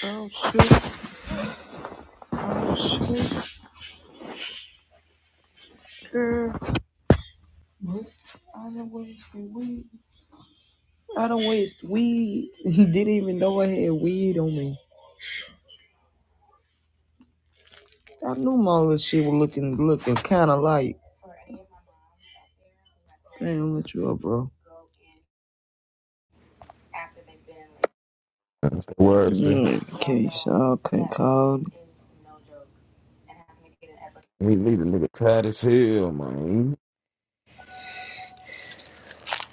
Oh shit, oh shit, girl. I don't waste weed. I don't waste weed. Didn't even know I had weed on me. I knew my little shit was looking looking kinda like damn what you up, bro. Word, sir. Mm, Okay, so okay, call. We leave the nigga tired as hell, man.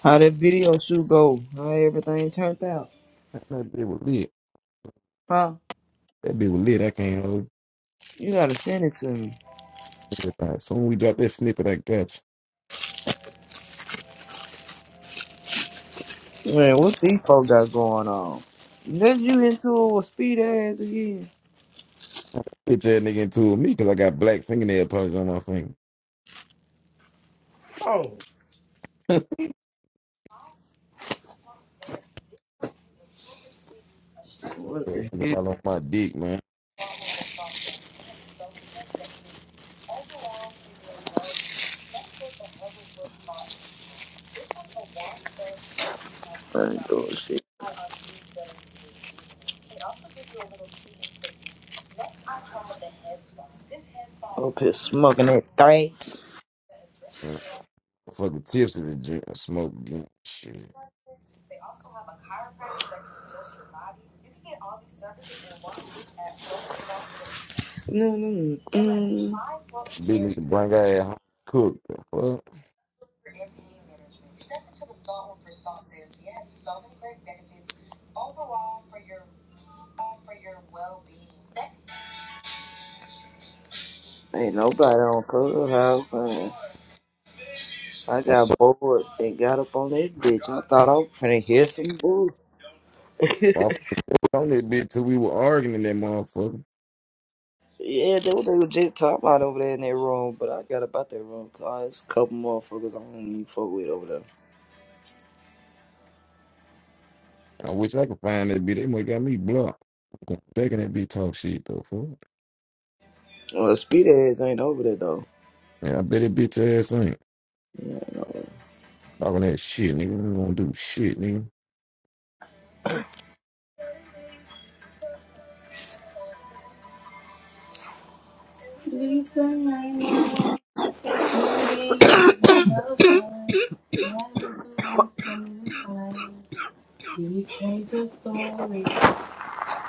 How that video shoot go? How everything turned out? That bitch was lit. Huh? That bitch was lit. I can't hold You gotta send it to me. everything. Soon we drop that snippet, I got Man, what these folks got going on? Let's you into it with speed ass again. you. Bitch that nigga into me because I got black fingernail polish on my finger. What the That Nigga all on my dick, man. I ain't doing shit. Up here smoking that three. Uh, Fucking tips in the drink. I smoke again. Shit. Mm, mm, mm. Bitch nigga bring her ass home cooked. The Fuck. Ain't nobody on Clubhouse. Man. I got bored and got up on that bitch. I thought I was finna hear some bull. I fucked on that bitch till we were arguing in that motherfucker. yeah, that's they were just talking about over there in that room, but I got about that room 'cause there's a couple motherfuckers I don't even fuck with over there. I wish I could find that bitch. They must got me blocked. I'm going back in that bitch talk shit, though, fuck. Well, Speed ass ain't over there though. Man, I bet that bitch ass ain't. Talking that shit, nigga. We don't do shit, nigga.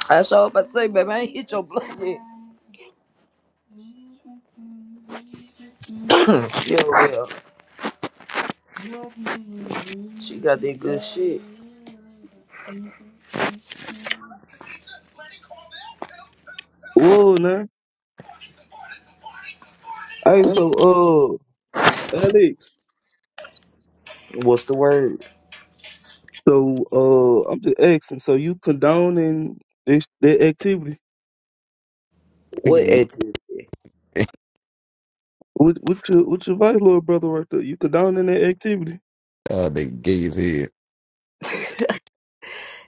I saw about to say, baby, I ain't hit your blood yet. she over there. She got that good shit. Whoa, now. Hey, so, uh, Alex, What's the word? so, uh, I'm just asking, so you condoning this, that activity? Think of What these at? What, what your, what your vice lord brother right there? You condoning that activity? uh they gay as hell.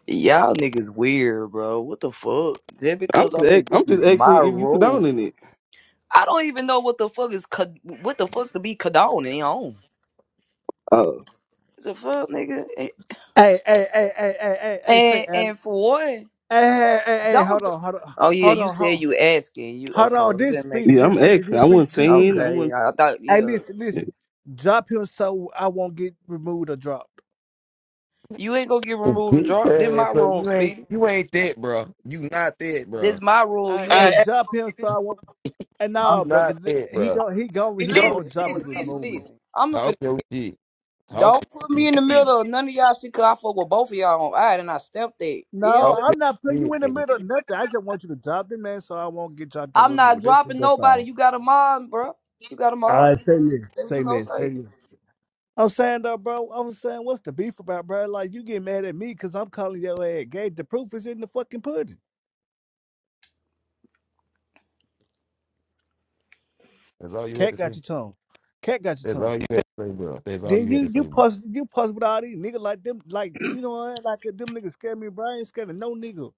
Y'all niggas weird, bro. What the fuck? Just I'm because I'm just, in, ask- this I'm is just my asking if you role. condoning it. I don't even know what the fuck is co- what the fuck to be condoning your own. Uh, What the fuck, nigga? And Hey, hey, hey, hey, hey, hey, hey, say, and Alex. and for what? Hey, hey, hey, hey, hold Don't. on, hold on, Oh yeah, hold you on, hold said on, you asking. You hold okay? on. I'm This just speedy, making yeah, this I'm sure. speedy, asking. this I speedy, wasn't this saying, speedy. I Okay, wasn't, I, I thought Hey, yeah. listen, listen. Drop him so I won't get removed or dropped. You ain't gonna get Oh, removed or bitch dropped. This ass. my So room, you ain't Speedy. you ain't that, bro. You not that, bro. This my rule. You Hey, All hey ain't. right, drop him so I won't. Hey, Uh, You no, bro, 'cause not that, he bro. gon' he gon' hey, Uh, you he listen, only you gon' only drop listen, and coming listen, to remove me. me. listen. Talk your shit. Talk Don't put your me shit. in the middle of none of y'all shit, cause I fuck with both of y'all on ad and I stepped it. it No, Talk was, your I'm not putting you shit, in the nigga. middle of nothing. I just want you to drop him, man, so I won't get dropped or I'm not removed. That's dropping that's nobody. all. You got a mom, bro. You got a All mom. right, say this, Say what say you gonna this, say say. this. I'm saying though, bro. I'm saying, what's the beef about, bro? Like you get mad at me because I'm calling your ass gay. The proof is in the fucking pudding. That's all you had Cat to got say. your tongue. Cat got your That's all tongue. you had to say, bro. That's all Then you had you to you say, bro. puss you puss with all these niggas like them like you know what I mean? like uh, them niggas scare me, bro. I ain't scared of no nigga.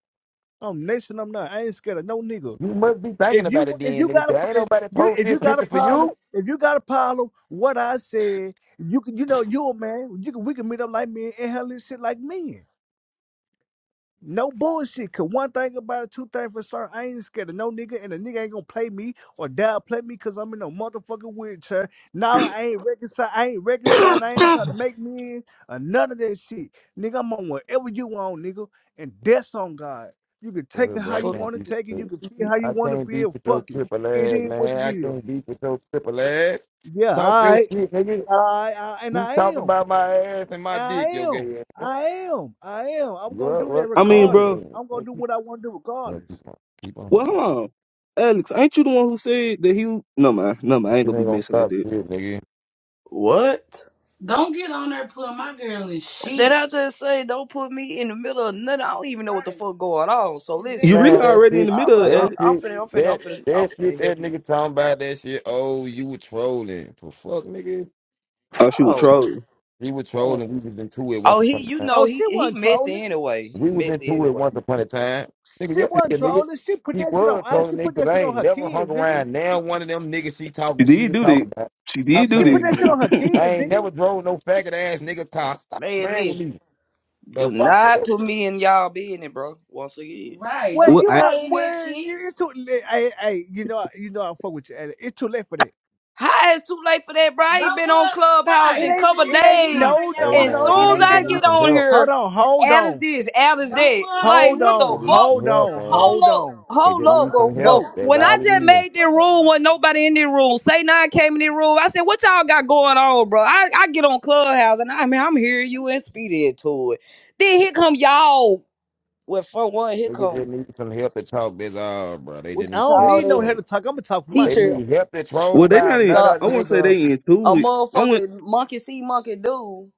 I'm nation. I'm not. I ain't scared of no nigga. You must be thinking If about you it if then, you nigga. got a 'cause Ain't if nobody you post if this you got a picture for problem you. if you got a problem, what I said you can you know you a man. You can we can meet up like men and hell this shit like men. No bullshit. Cause one thing about it, two things for certain, I ain't scared of no nigga, and a nigga ain't gonna play me or downplay me cause I'm in a motherfucking wheelchair. No, I ain't reconcile. I ain't reconciled. I ain't trying to make me or none of that shit. Nigga, I'm on whatever you want, nigga, and that's on God. You can I take it Bro, how I you Fuck. can't want beat to take it. you. You can feel how you I want to can't beat feel. with your Fuck it. triple It ass, is what man. it I is. can't beat with your triple ass. Yeah, Talk your all right, shit, nigga. all right, all right. and You I talking am, about my ass and my I dick, yo am, gay ass. I am, I am. I'm gonna Well, do well, that I keep mean, on regardless. bro, doing it. I'm gonna Well, do Keep what I want to do on, regardless. keep on, keep on. doing well, hold on. Alex, ain't you the one who said that he, no, man, no, man, I ain't it. It gonna be ain't gonna messing like stop that. shit, nigga. What? Don't get on there putting my girl in shit. Did I just say don't put me in the middle of nothing? I don't even know what the Right. fuck going on. So listen, You really Man, Exactly. bro. that already in shit, the I'm, middle of it, I'm, that Alex. I'm shit, finna, I'm finna, I'm that finna, I'm that shit, finna that help you. nigga talking about that shit. Oh, you were trolling for fuck, nigga. Oh, she was Oh trolling. He was man. trolling. We was into it Oh, once he, upon you a time. know, Oh, he she he wasn't messy trolling. anyway. He We was messy into it anyway. once upon a time, nigga. She Yesterday, wasn't nigga, trolling. She put he that shit on was us. trolling She put nigga 'cause that I shit on ain't her kids, nigga. around now one of them niggas she She talking she did was do that. talking about. She did Stop do She playing with put that. that me, shit nigga. on her I kids, ain't nigga. never drove no faggot ass nigga car. Stop Man, playing with listen. me. The Do fuck, not nigga? put me in y'all business, bro. Once again. Right. Well, Don't Well, be you are playing that well. shit. you- It's too late. Hey, hey, you know, you know, I fuck with you. Ellie. It's too late for that. How it's too late for that, bro? I ain't Don't been on put Clubhouse in a It right. ain't. couple It ain't. No, Hey no, no. man, these It ain't niggas I just that. Too, need get some on help. hold here, on. Hold Alice on. this, Alice do that. Like, Hold what the They on. need fuck? some Hold help, on. man. Hold Hold up. on. They Hold just Ho- up, need some bro. but help. no, That's when I all it just is. made this room, when nobody in this room, say nine came in this room, I said, "What y'all got going on, bro?" I, I get on Clubhouse and I mean I'm hearing you and Speedy into it. Then here come y'all Well, for one. Here Niggas come just need some help to talk. That's all, bro. They just what you I need some don't help to need call no it, head troll. to talk. I'm gonna talk for They teacher, myself. need help to Well, troll they by not. In, so another I wouldn't say nigga. they a into it. I wouldn't. motherfucking monkey see, monkey do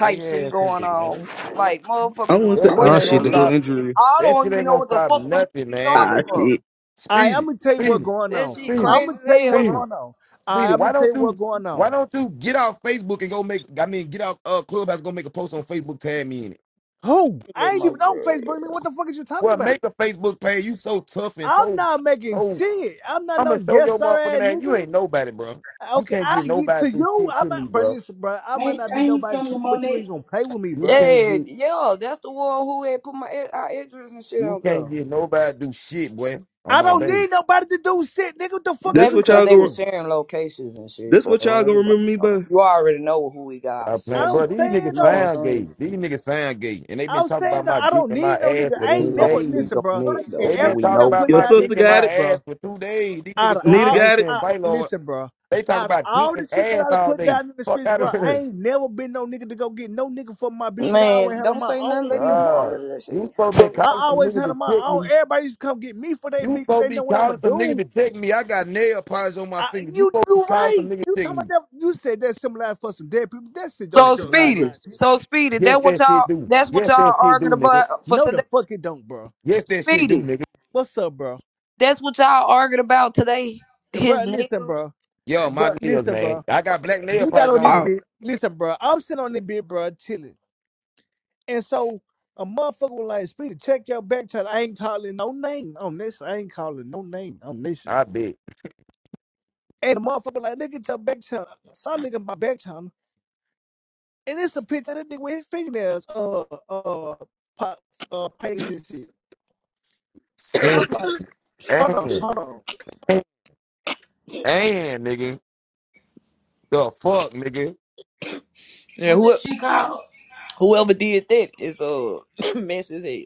Yeah, shit ass going niggas, on. man. Like I motherfuckers is wouldn't say. That shit Oh ain't shit, questioning gonna the little me. stop. and injury. I That don't shit even ain't know gonna what the stop fuck them nothing, niggas man. Ah, arguing for. shit. All right, Speedy, I'm gonna tell you what's speedy, going That on. shit speedy, I'm crazy gonna as tell you hell, what's bro. speedy. going on. All right, Speedy, I'm why gonna tell don't you you whats going why on. don't you get off Facebook and go make I mean get off uh Clubhouse go make a post on Facebook, tag me in it. Who? I Like, ain't my even on Facebook. nigga. God. What the fuck is you talking Well about? make a Facebook page. You so tough and I'm so not making so shit. I'm not no I'ma show yes your sir motherfucking ass ass. You nigga. ain't nobody, bro. You Okay, can't I get you, to nobody to do you, shit I to might, me, bro. bro. Listen, bro, I might not be nobody to you, but you ain't gonna play with me, You bro. can't Yeah, get yeah, that's the one who had put my ad- our address and shit you on can't there. get nobody to do shit, boy. On I my don't baby. need nobody to do shit, nigga. What the fuck is That That's you what because y'all they go. was saying? sharing locations and shit, That's bro. what Don't y'all let gonna nobody remember me know. by. You already know who we got our I'm playing, source I'm bro. from. These saying niggas You know though, what sound I'm gay. saying? These niggas sound gay. And they been I'm talking saying about though, my I dick don't and my need no ass nigga. for I We two ain't ain't never gonna days. speak listen, on bro. it And though, They but been we everything talking I know about put Your my down dick in sister the and got streets, my it. ass bro. for two days. These out niggas of so Nita all, got it. gangster and uh, violent listen, bro. They talk Out of about dick all the and shit that ass I done all put day. down in the Fuck streets, out of bro, I here. ain't never been no nigga to go get no nigga for my beef. Nigga, I always Man, handle don't my say nothing. own Let beef. them Bruh. argue that You shit. supposed to be I calling some always niggas handle to my check own. me. Everybody used to come get me for their You beef supposed because to they be know what I'ma calling some niggas to do. check me. I got nail polish on my I, fingers. You you, supposed to be you calling some right. niggas You to check talking about me. that? You said that symbolize for some dead people. That shit don't So symbolize speedy. that shit. So speedy. Yes, That what that y'all shit do. that's what Yes, y'all that shit arguing do, nigga. about for No, the today. fuck it don't, bro. Yes, that shit do, Speedy. nigga. What's up, bro? That's what y'all arguing about today. And His bro, nails. listen, bro. Yo, my But nails, listen, man. bro. I got black nail We got polish on this on. I, bitch. Listen, bro. I'm sitting on this bitch, bro, chilling. And so a motherfucker was like, Speedy, check your back channel. I ain't calling no name on this. I ain't calling no name on this. I bet. And the motherfucker like, look at your back channel. So I look at my back channel. And it's a picture of that nigga with his fingernails uh uh pop uh painted this shit. So And, I'm like, hold on, and, hold on. and, and nigga. The fuck, nigga. Yeah, who, whoever did that is uh mess His head.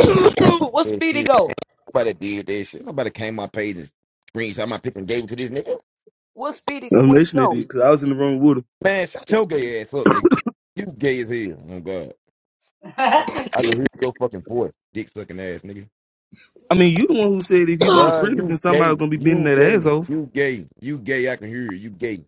what That speedy shit. go? Nobody did that shit. Nobody came on my page and screenshot my picture and gave it to this nigga. What speedy go? Where he unless they did, because I was in the wrong with her. Man, shut your gay ass up, nigga. You gay as hell. Oh god. I, I can hear your fucking voice, dick sucking ass, nigga. I mean, you the one who said go? if you go to Bruh, prison, you somebody's gay. gonna be bending You that gay. ass over. You gay. You gay. I can hear you. You gay.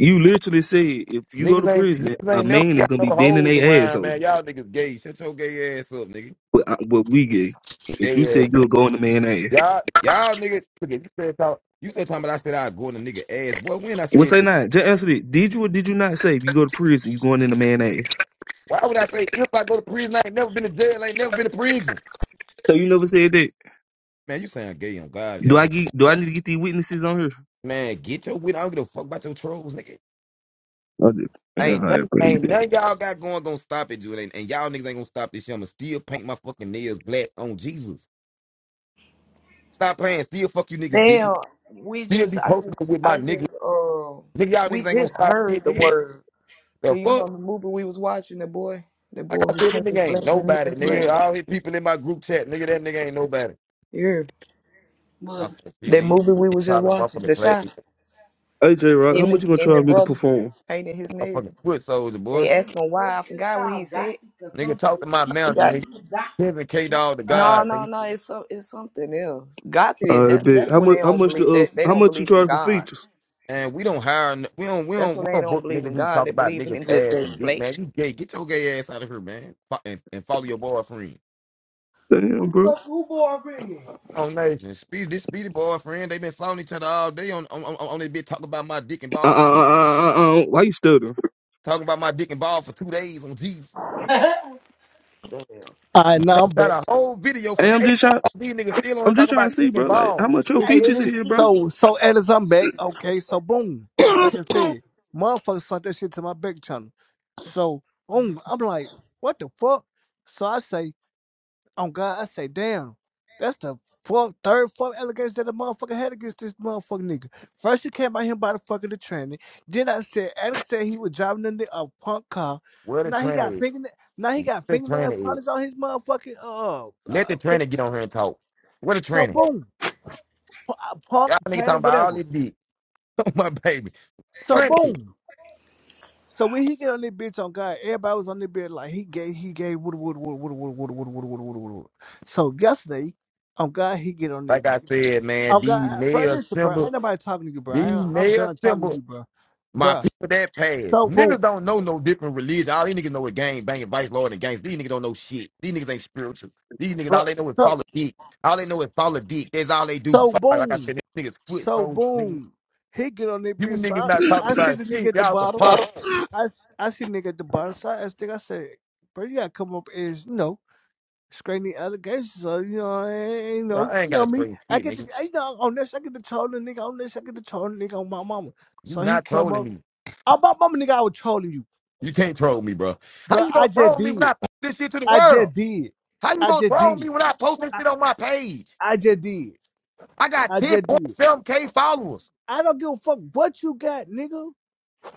Shut the fuck. literally said if you go to Niggas ain't prison, niggas a ain't never man is got gonna no be bending hoes their ass around, over. man. Y'all niggas gay. Shut your gay ass up, nigga. What, I- what we get. But you Gay said ass. you're going in the man's Nigga. ass. Y'all y'all niggas look at you said talk. You said talking about I said I go in a nigga ass. Boy, when I Well, said say this, not. Just answer it. Did you or did you not say if you go to prison, you going in the man's ass? why would I say if I go to prison, I ain't never been to jail, I ain't never been to prison. So you never said that. Man, you sound gay on Do God. I get? Do I need to get these witnesses on here? Man, get your wit. I don't give a fuck about your trolls, nigga. I did. Yeah, all Ain't right, nothing, bro, you ain't did. nothing y'all got going gonna stop it, dude. And, and y'all niggas ain't gonna stop this shit. I'ma still paint my fucking nails black on Jesus. Stop playing. Still fuck you niggas, bitches. Damn, we Still just, be I posting just, with my I niggas. just, uh, Nigga, y'all we niggas ain't gonna just stop heard shit, the nigga. word. The Cause you fuck? know the movie we was watching, the boy, the Like boy I who said, played this nigga Black, ain't the nobody, nearest Black. nigga. All his people in my group chat, nigga, that nigga ain't nobody. Yeah. Talk that shit, That nigga. movie we was just Trying to watching, motherfucking The play, Shot, Hey, J Rock, how much Emmett, you gonna charge Emmett me to brother perform? painted his nail. motherfucking foot soldier, They boy. asked him why. I forgot what he said. Nigga, talk to my I mountain, forgot. nigga. Kevin K. Dog to No, God, nigga. no, no. It's so, it's something else. God did All right, that. bet. That's How when they much? How don't much the? believe Uh, that they how don't much you believe in charge for God. features? And we don't hire, n- we don't, we That's don't, we when they don't don't book believe in niggas who God. talk They about believe in niggas just ass and that dick, black man. shit. You gay? Get your gay ass out of here, man. Fo- And, and follow your boyfriend. Damn, bro. Oh, nice. And speedy, this speedy boyfriend, they been following each other all day on on, on, on that bitch talking about my dick and Uh, uh, ball, uh, uh, uh, uh, why you stuttering? talking about my dick and ball for two days on Jesus. Damn. All right, You know, now I'm shot back. a whole video for Hey, I'm eight. just trying. hours. These niggas still on here I'm just talking trying to about see, dick bro. and Like, how ball. much your It Hey, features said in here, listen, bro? he so so Alice, I'm back. Okay, so boom. Like I said, motherfucker sent that shit to my back channel. So boom, I'm like, what the fuck? So I say, on God, I say, damn, that's the fourth, third, fourth allegation that the motherfucker had against this motherfucking nigga. First, you came out here by the fucking the tranny. Then I said, Alex said he was driving in a punk car. Where the Now he got tranny is? fingernail. Now he got Where the fingernail tranny is? polish on his motherfucking uh. uh Let the uh, fi- tranny get on here and talk. Where the so tranny? boom, P- uh, punk Y'all niggas talking tranny, about all whatever. this dick. my baby, So tranny. boom. So when he get on that bitch on God, everybody was on that bitch like he gave, he gave, wood, wood, wood, wood, wood, wood, wood, wood, wood, wood, wood, wood. So yesterday, on God, he get on Like I that. said, man, Oh these God, bro, nail listen, bro. symbol, Ain't nobody talking to you, bro. these I, I'm nail done talking to symbol, you, bro. my Bro, people that pass. so Niggas boom, don't know no different religion. All these niggas know is gang banging, vice lord, and gangs. These niggas don't know shit. These niggas ain't spiritual. These niggas, bro, all they know is so follow dick. All they know is follow dick. That's all they do. so Fuck, Like boom, I said, these niggas foot so so niggas. boom. He get on that You bitch. So niggas I, not talking I see about the nigga shit. at the Y'all some bottom. punk. I s- I see nigga at the bottom. So I think I said, bro, you gotta come up as you know, screen the allegations. So you know, eh, you Bro, know, I ain't you got a know me. straight I shit, get the, nigga. you know, on this I get to troll the nigga. On this I get to troll the nigga on my mama. You So he not come trolling up. me. Oh, my mama nigga, I was trolling you, You can't troll me, bro. How bro. you I gonna just troll me when did. I post this shit to the I world? just did. How you I gonna just troll did. me when I post this I, shit on my page? I just did. I got I just did. 10.7K followers. I don't give a fuck what you got, nigga.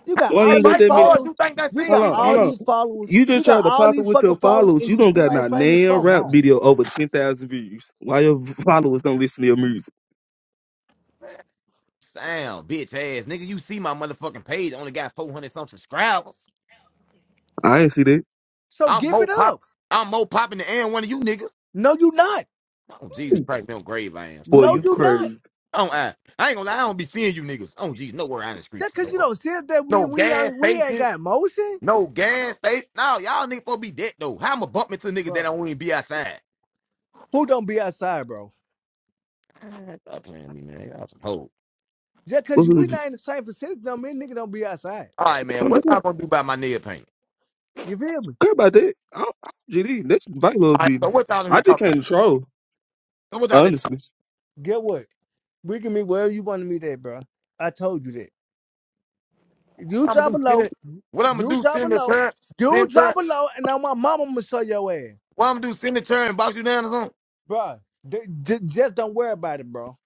You got Why Hey, you all ain't got these Vice that many? Lord, followers. you think that You seen Hold got this on, hold all shit? on. these followers. You You just tried got to all pop it these with your fucking followers, followers. You and you don't still got ain't not famous. damn Something rap wrong. video over ten thousand views. Why your followers don't listen to your music? Sound, bitch ass nigga, you see my motherfucking page only got 400 some subscribers. I ain't see that. So I'm give more it pop. up. I'm more popping than one of you niggas. No, you not. Oh, Jesus Christ, me on grave I am. Boy, Stop No, you playing. you not. crazy. I don't, I, I ain't gonna lie, I don't be seeing you niggas. Oh, Jesus, nowhere out in the streets, Just cause you nowhere. don't see us, that No mean we gas ain't we ain't stations, got motion, no gas station. No, y'all niggas supposed to be dead though. How I'ma bump into niggas that bro. don't even be outside? Who don't be outside, bro? Ah, Stop playing with me, man. Y'all some hoes. Just What cause we hood not in the same facility, don't mean nigga don't be outside. All right, man, I'm good. what y'all gonna do about my nigga paint? You feel me? Care about that. I don't, I don't GD. That's my little All right, so business. what y'all in I here just talking can't troll, about? So what y'all just talking honestly. Get what? We can meet wherever you want to meet at, bro. I told you that. You about? I'm gonna drop do send below. it. What I'm gonna You do? drop Send the below. turn. You Send turn. drop below. And now my mama gonna show your ass, What I'm gonna do? Send the turn and box you down or something? bro. just don't worry about it, bro.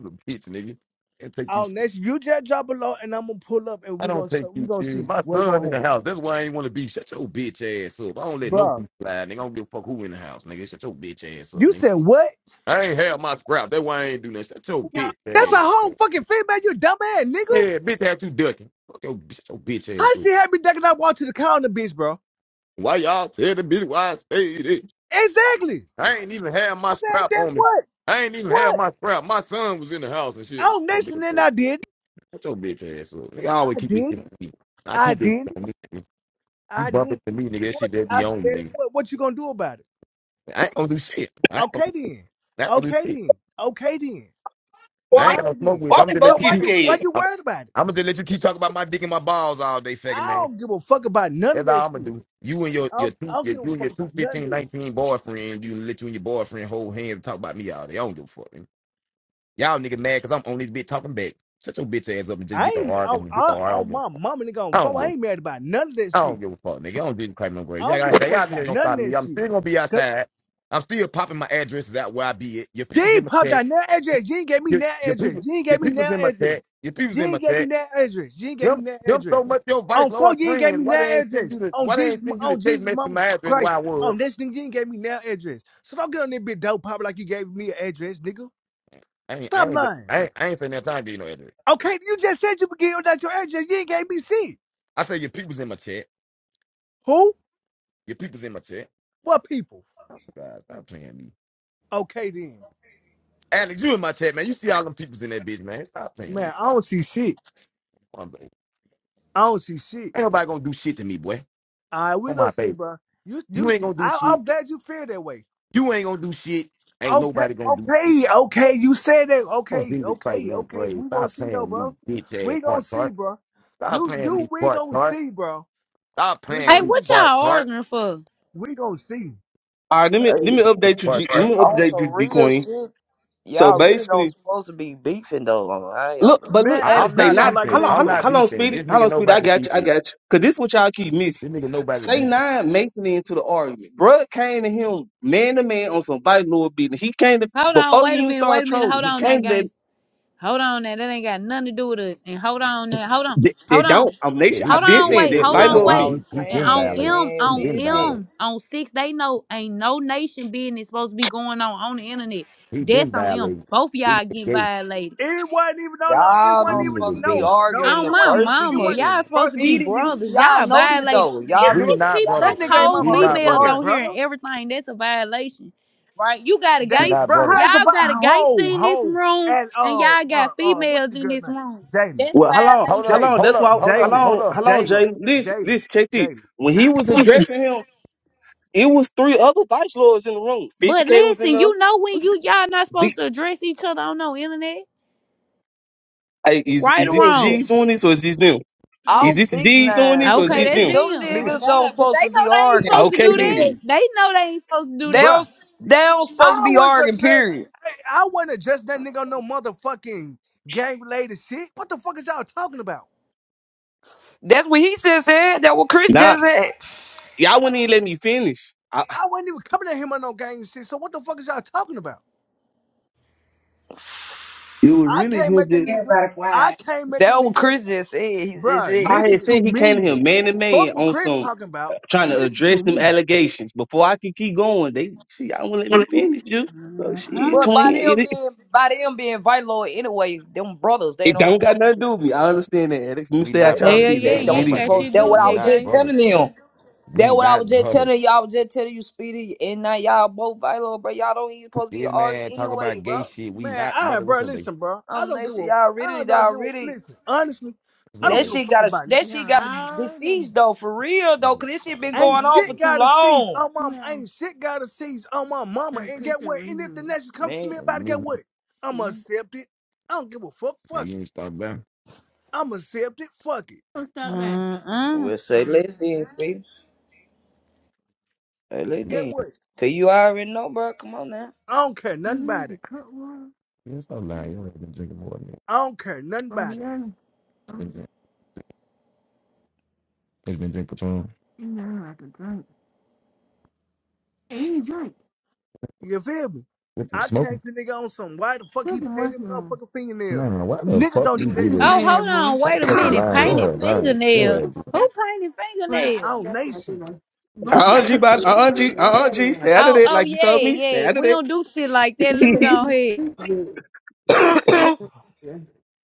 You Little bitch, nigga. I take you. Oh, next you just drop below, and I'm gonna pull up, and I we don't gonna take show, we you gonna see serious. My what's gonna son in happen, the house. That's why I ain't want to be. Shut your bitch ass up. I don't let no bro. people slide, nigga. I don't give a fuck who in the house, nigga. Shut your bitch ass up, You nigga. said what? I ain't have my sprout. That's why I ain't do nothing. Shut your bitch That's a ass. whole fucking feedback, you dumb ass nigga. Yeah, bitch ass, you ducking. Fuck your, shut your bitch How ass up. she had me ducking that walk to the counter, bitch, bro? Why y'all tell the bitch why I stayed? there? Exactly. I ain't even had I my Said scrap that on me. what? I ain't even had What? my scrap. My son was in the house and shit. Shut Oh, your next and then bitch ass. I did. Shut your bitch ass up. Nigga, I always I keep this did. shit on me. I I keep this did. shit on me. You I bump did. it to me, nigga. That What? shit that I be on you, said nigga. what? What you gonna do about it? I ain't gonna do shit. I ain't gonna, Okay then. not gonna do Okay shit. then. Okay then. I Why? ain't got All no right smoke then. with. Why I'm we just let So both you get why keep. you why scared? you I'm, worried about it? I'm gonna just let you keep talking about my dick and my balls all day, faggot I man. don't give a fuck about none of That's all that I'm gonna shit. do. You and your I your don't, I two don't your, give a you and your fuck two about none of fifteen this. nineteen boyfriend. You let you and your boyfriend hold hands and talk about me all day. I don't give a fuck. Y'all nigga mad because I'm on this bitch talking back. Shut your bitch ass up and just I get the ain't I. argument. Get the I, oh argument. my mama nigga on I don't four. I give, ain't mad about none of that I don't give I shit. don't give a fuck, nigga. I don't do claim no grade. I Y'all, don't you give a say fuck y'all niggas ain't about gonna none of stop me. that I'm shit. still gonna be Cause outside. I'm still popping my addresses out where I be at. Your you people's in ain't my popped chat. out now address. You ain't gave me Your, now your address. people, You ain't your gave me people's now in my address. chat. Your people's You in my ain't gave me chat. that address. You ain't gave Them, me that them so address. much your vice On four, lord you ain't gave friends. me Why they that ain't send you address. the, On why they Jesus, ain't send you the on text Jesus, message to Mama my address? Why Christ. I was? On this thing, you ain't gave me that address. So don't get on that bit dope pop like you gave me an address, nigga. I ain't, I Stop ain't, lying. I ain't, I ain't saying that time to you no address. Okay, you just said you gave out your address. You ain't gave me shit. I say your people's in my chat. Who? Your people's in my chat. What people? Oh, God, stop playing me. Okay then. Alex, you in my chat, man. You see all them peoples in that bitch, man. Stop playing me. Man, I don't see shit. Come on, baby. I don't see shit. Ain't nobody gonna do shit to me, boy. All right, we Come gonna on, see, baby. bro. You, You you, ain't gonna do I, shit. I'm glad you feel that way. You ain't gonna do shit. Ain't Okay, nobody gonna do shit. okay, okay. You said that. Don't Okay, Jesus Christ, okay, man. okay. Brave. We gonna Stop see playing though, with me, bro. bitch ass We gonna part see, tart. bro. Stop You, playing with you, me, we part gonna tart. see, bro. Stop We playing Hey, with gonna me, what see. part y'all tart. arguing for? We gonna see. All right, let me uh, let me update you. Part G, let tart. me update also you, G real Queen. shit. So Y'all really don't basically, supposed to be beefing though. I look, y'all. but look, Man, I- I Alex, I'm they been not not not. liking How beefing. that long? How I'm long? nigga. not How long, beefing. Speedy? This How nigga long, Speedy? I nobody to got beef you. I it. got you. Cause this what y'all keep missing. This nigga nobody to Say beef. nine making it into the argument. Bruh came to him man to man on some vital little business. He came to Hold on, before wait he a even minute, wait started a minute, trolling. hold He on now, came to that. guys. Hold on now, that ain't got nothing to do with us. And hold on now, hold on, They, they hold on, don't. I'm Yeah, nation. he, hold I've been on, yeah, saying wait, yeah, that hold yeah. vital That's He on, little what I wait. business. been, was he, he And been on saying, violated. M, man. He on been Listen. violated. M, on six, they know ain't no nation business supposed to be going on on the internet. He been That's on M. violated. Both He y'all nigga get gay. violated. It wasn't even. No, no. It Y'all He wasn't don't even. supposed nigga to be gay. No, arguing no. in Oh the It my wasn't even. first It mama, wasn't. even- y'all beginning. supposed to First, See, be the- you, brothers. y'all Y'all know that violate. though. Y'all It's We know it's listen. that. not people. Y'all That brothers. It's don't nigga ain't even my whole We supposed to not be females brothers. motherfucking on arguing. here and brother. everything. That's a violation, right? You got a We That gangster. not bro. brothers. How's Y'all about got a gangster ho in this ho room, and and oh, y'all uh, bro, got uh, what's females his in good this name? room. Jalen, That's a Well, how long? Hold violation. How up. long? Jalen, Hold That's up. why. Hold How up. Jalen, Hold long? up. How long, Jalen, Jay? Listen, Jalen. listen, KT. Jalen. When he Ah. was addressing him, it was three other vice lords in the room. Fifty But K was in listen, there. you know when you y'all not supposed Big. to address each other on no internet, Hey, is right is or this the Listen, wrong. G's on this or is this them? Is I'm this listen, the big G's on nine, this but or is Okay, it listen, that's listen, them? them them. listen, Oh niggas don't God, but supposed they to be know they ain't arguing. supposed to Okay do that. listen, Period. then. They know they ain't supposed to do They that. bruh. don't. They don't supposed to I be was arguing. addressed. Period. I, I wasn't addressing that nigga on no motherfucking gang related shit. What the fuck is y'all talking about? That's what he just said. That what Chris Nah, just said. y'all wouldn't even let me finish. I, I wasn't even coming at him on no gang shit. So what the fuck is y'all talking about? it was I really came him. at the Just nigga. I came at the That what nigga, Chris just said. He just bruh. said. I had Listen this. said to he came me. to him man to Fuck man what on Chris some talking about. trying to Listen address to them me, allegations. Before I could keep going, they she y'all wouldn't let me finish, you. So she But by them twin. being by them being vital anyway, them brothers they It don't don't got supposed to nothing to be. do with me. I understand that, Alex. Let me We stay They out not Hell y'all don't. brothers. This business. They yeah, So, man you don't talking ain't GD. about got gay supposed. shit to That's do shit. what with We I that, was not just guys. telling brothers. them. We That what I was not just telling brothers. y'all. I was just telling you, Speedy, and now y'all both vital, bro. Y'all don't even supposed to be This arguing man talking anyway, about gay bro. shit. We man. not I, brothers. What's bruh, up, baby? listen, bruh. I Um, don't that give shit, a. y'all really, I don't y'all give a. really. Listen, honestly, What's I up, don't That give man? a shit fuck got to about it. that shit got to Yeah, all day. deceased though, for real Let though, me go. cause this Ah, shit been You damn. Ain't going on shit for know, too got a cease long, on two mama. hours. Ain't shit got a cease on my mama. Start And get catching what? And if the reruns. nation come to man. me Uh, You about it, miss get me? what? I'ma Yeah. accept it. I don't give a fuck. Man, Fuck you it. ain't stop lying. I'ma accept it. Fuck it. What's that back? Uh-uh. we'll say less then, Speedy. Say less Get then, what? cause you already know, bro. Come on now. I don't care We nothing need about a it. cut one. You ain't stop lying. You ain't been drinking more than that. I don't care nothing From about it. the end. He's been drinking too much. You know, I could drink. Hey, you drink. You feel me? What you I catch smoking? the nigga on something. Why the fuck Put he some painting mushroom. motherfucking fingernail? Man, why the Niggas fuck don't you do I do that this? Oh, shit. playing, hold boy. on. Stop Wait a fucking minute. lying. You're Painting lying. fingernails. You're a Who That's painting where I Our fingernails? that's what I think nation. I One Uh-uh, time, G, but one uh-uh, month, G, uh-uh, yeah, G. yeah. Stay out of Oh, that, oh like you yeah, told me. Stay yeah. out of We that. don't do shit like that. He Let me said hey, he go was ahead. too good. Yeah.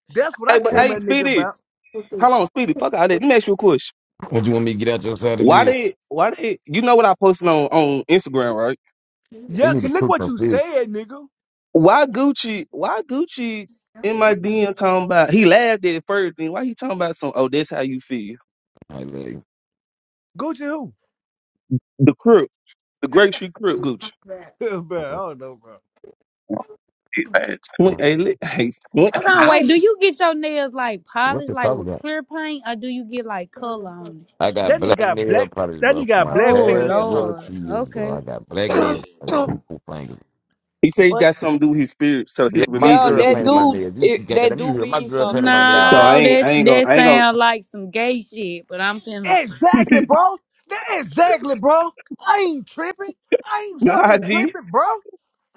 That's what I but That's- came hey, at nigga Speedy. about. Okay. Hold on, Speedy. Fuck all that. Let me ask you a question. What you want me to get out your side of Why bed? did, why did, you know what I posted on, on Instagram, right? He You Yeah, need cause to look cook what some you fish. said, nigga. Why Gucci, why Gucci like, in okay. my DM talking about, he laughed at the first thing. Why he talking about some, oh, that's how you feel? I love you. Gucci who? The crook, the I was Great like, Street crook please Gucci. talk about it. man, Okay. I don't know, bro. Hey, What hey, hey, Hold on, hey, wait. Do you get your nails like what polished, to like talk with about? clear paint, or do you get like color on it? I got That nigga black got nail black. polish, That but nigga for got my black Oh past fingernail polish. Lord. relative years ago, I Okay. got black nail polish on four fingers. He said he But got something to do with his spirit, so Yeah, his my yeah, religion girl let him that do painted my that. dude, nails. You, you it, can't get that them. You do hear my means girl painted something my nails So about I black. No, ain't, I that's ain't gonna, that I ain't gonna. sound like some gay shit, but I'm finna Exactly, bro. That exactly, bro. I ain't tripping. I ain't nah, fucking G, tripping, bro.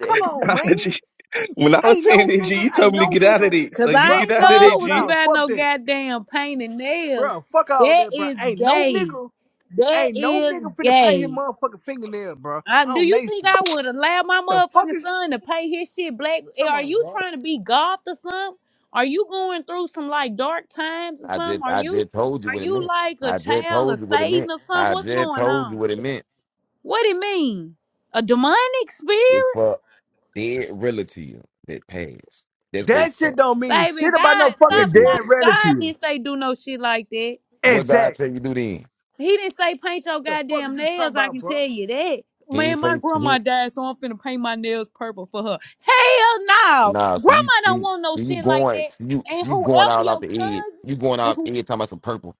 Come on, nah, G. man. When I was Ain't saying no that, G, nigga. you told Ain't me to no get out of nigga. there. So Cause you I Bro, get ain't out of fuck know there, that. it was G. Nah, about fuck no that. goddamn paint and nails. Bro, fuck all That that, bro. is Ain't no gay. nigga. That Ain't no is nigga finna paint his gay. motherfucking fingernail, bro. I, do On you think nation. I would allow my The fuck motherfucking is? son to pay his shit black? Eh, Come Are on, you bro. trying to be golfed or something? Are you going through some like dark times or I just, something? Are I you just told you are what it you meant. like a I just child told of you what it meant. Satan or something? I What's just going told you on? what it meant. What it mean? A demonic It's spirit? for dead relative that passed. That's what That it's shit for. don't mean Baby, shit about no God, fucking stop, Yes, it is. dead stop. God relative. didn't say do no shit like that. What God tell Exactly. you do then? He didn't say paint your The fuck is goddamn you talking nails. I about, can bro? tell you that. He ain't Man, my say he, grandma died, so I'm finna paint my nails purple for her. Hell no, nah. So you grandma don't see, want no so you shit like going, that. so you, so And you going whoever out off your the edge. cousin You going and off who the edge talking about some purple.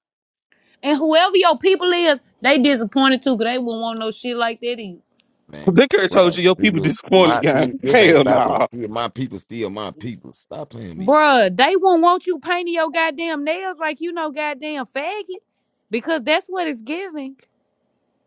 and whoever your people is, they disappointed too, cause they won't want no shit like that either. man, Liquor told bro. you your These people little, disappointed, my these, gang. this ain't Hell stopping. nah. Shit, my people still my people. Stop playing me. Bruh, they won't want you painting your goddamn nails like you know goddamn faggot, because that's what it's giving.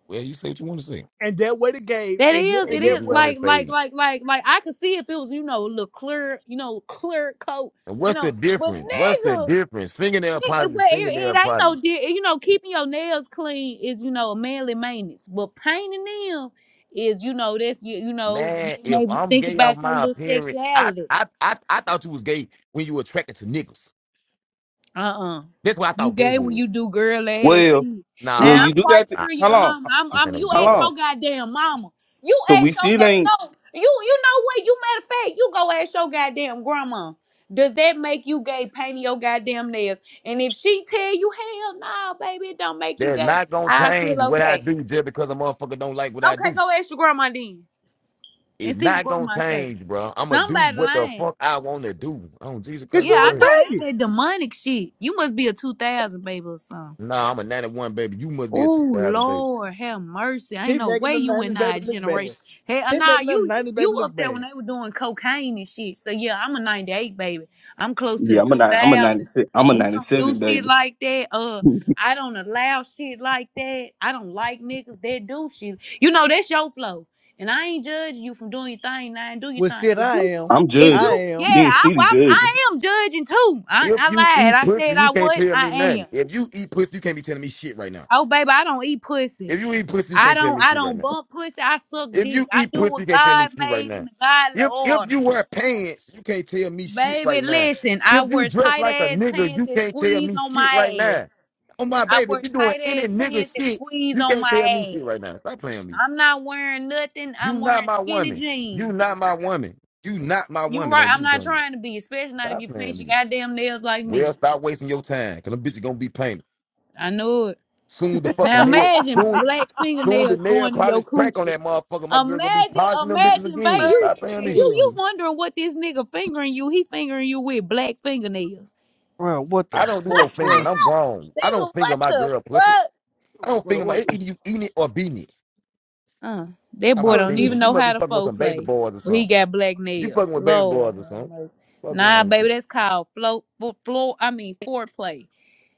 Well, you say what you want to say. and that way the game That and get, is, Say and it what get is you what? want to like, like, say. like, like, like I could see if it was, you know, a little clear, you know, clear coat, And you what's the know. But difference? What's the nigga, difference? Fingernail it, it, polish, is but it, fingernail it ain't polish. no, di- you know, keeping your nails clean is, you know, a manly maintenance. But painting them is, you know, that's you, you know, Man, if maybe I'm think gay off about your my little appearance, I, sexuality. I I I thought you was gay when you were attracted to niggas. Uh-uh. That's what I You thought gay gay when was. you do girl ass Well, shit. well, Nah, Now you I'm do quite got. To, nah, sure how your nah. long? mama. I'm You ain't I'm no you How girl ask long? ass. your goddamn mama. You Cause we ask your still god ain't. no. You you know what? You matter of fact, you go ask your goddamn grandma. Does that make you gay painting your goddamn nails? And if she tell you hell nah, baby, it don't make you They're gay. not gonna I feel change what I okay. do just because a motherfucker don't like what I do. Okay, go ask your grandma then. And It's see what not gonna grandma say. change, bro. I'ma do Somebody what the lying. fuck I wanna do. Oh, Jesus Christ, Cause Yeah, you my I grace. know a that's faggot. that demonic shit. You must be a two thousand baby or something. Nah, I'm a 91 baby. You must be a Oh 2000 baby. Lord, have mercy. Ain't He no making way the you in nineties baby our look bad. generation. Hey, uh, He nah, making the you nineties baby you look up there when bad. they were doing cocaine and shit. So yeah, I'm a '98 baby. I'm close to Yeah, the I'm a, nine- I'm a 2000s. ninety-six. I'm a We don't do ninety-seven, shit baby. like that. Uh, I don't allow shit like that. I don't like niggas that do shit. You know that's your flow, and I ain't judging you from doing your thing. Now, do your Well, thing. shit, If I you am. I'm if judging. I you, am. yeah, Being I, speedy I, judging. I am judging too. I, If I you lied. eat I pussy, said you I can't would. tell I me am. nothing. If you eat pussy, you can't be telling me shit right now. Oh, baby, I don't eat pussy. If you eat pussy, you I can't tell don't me I shit right don't now. bump pussy, I suck If dick. you I eat do pussy, you what can't tell me God shit right made in now. the godly If if order. you wear pants, you can't tell me shit Baby, right now. listen, I If you wear dress tight like a ass nigga, pants you that can't tell squeeze me on shit right my now. ass. Oh my I baby, if wear you doing tight any ass nigga pants that shit, squeeze you on can't tell me my shit ass. right now. Stop playing with me. I'm not wearing nothing. You I'm not wearing my skinny woman. You jeans. not my woman. You not my You woman right. on I'm these not young trying to be, especially not if Stop you playing with paint your me. goddamn nails like Well, me. stop wasting your time, cause them bitches gonna be painted. I know it. Soon the Now fucking nail, imagine soon, black soon the fingernails nail going in your polish crack on coochie. that motherfucker. My girl gonna be Imagine, polishing them bitches imagine, babe, again. you Stop playing you with me. you Man, wondering what this nigga fingering you. He fingering you with black fingernails. bro, what I the don't do no fuck, bro? fingering. I'm grown. I don't Nigga, finger what my the girl pussy. fuck? I don't bro finger my what it's the either you eating it or beating it. Uh, that Talking boy about fuck? don't even fingering. You This. know must be how to fucking with some baby foreplay, boys or but he something. got black You nails. fucking with baby Lord boys or have something. mercy. Fuck around Nah, with baby, that's called float for floor. I mean foreplay.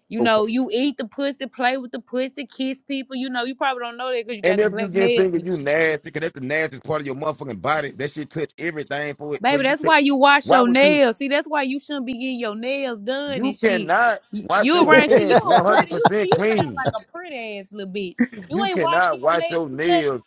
You you. know, you eat the pussy, play with the pussy, kiss people. You know, you probably don't know that because you And got the if you black get nails fingered, and you shit. nasty, because that's the nastiest part of your motherfucking body. That shit touch everything for it. For Baby, you, that's to- why you wash why your would you? nails. See, that's why you shouldn't be getting your nails done and You shit. cannot You, wash you your around, see, you hands a pretty, you see, 100% you sound clean. like a pretty ass little bitch. You You ain't cannot washing your wash your nails or nothing. nails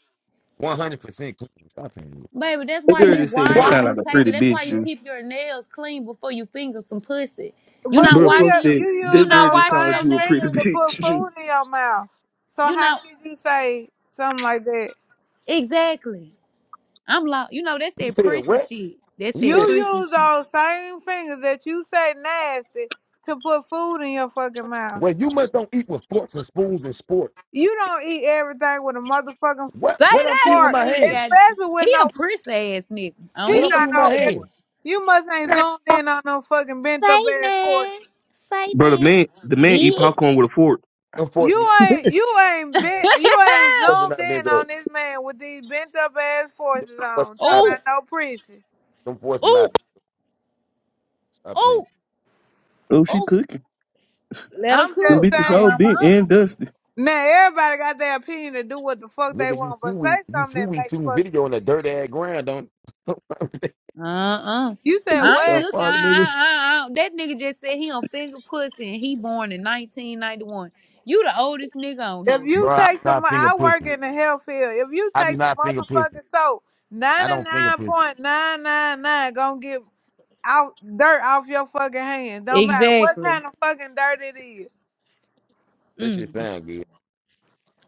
100% clean. Stop playing. Baby, that's That why girl you just said you wash and sound Why? like you a take pretty it. That's why bitch, you you. keep your nails clean before you finger some pussy. You But not Bro, you fuck washing u- your, that. you you use That girl not those just washing called your same you a pretty fingers nails. to put bitch. food in your mouth. So You how not, could you say something like that? exactly. I'm like, you know, that's You that said prissy what? shit. That's You that You said prissy use shit. those same fingers that you say nasty to put food in your fucking mouth. well. You must don't eat with forks and spoons and sports. You don't eat everything with a motherfucking What? Say What I'm that eating with fork, my again, hands? God. especially He with a no. prissy ass nigga. I mean, He What he I'm a eating not with my no. pretty If boy. hands? you must ain't zoomed in on no fucking bent up ass fork. Bro, the man, the man eat Bitch. popcorn with a fork. Unfortunately, You ain't you ain't bent you ain't unfortunately, zoomed not Of course, not being in the, on this man with these bent up ass forces unfortunately, on. Talking not oh, being, about no prissy. unfortunately, oh, not. Stop playing. oh, Oh, she oh. cooking. Let her I'm Them just cook bitches on all my saying. bent mama. and dusty. Now everybody got their opinion to do what the fuck they Nigga, you want, see but say we you something see that we makes shooting fucking video on a sense. dirt ass ground, don't the Uh-uh. You said I ain't what? looking. I, I, fuck, nigga? I, I, that nigga just said he on finger pussy and he born in 1991. You the oldest nigga on If here. you Bro, I take do some, not finger I work pussy. in the health field. If you I do take some not finger pussy. motherfucking soap, I ninety don't finger nine pussy. point nine nine nine gonna get out dirt off your fucking hands. Don't matter what Exactly. kind of fucking dirt it is. That shit Mm. sound good.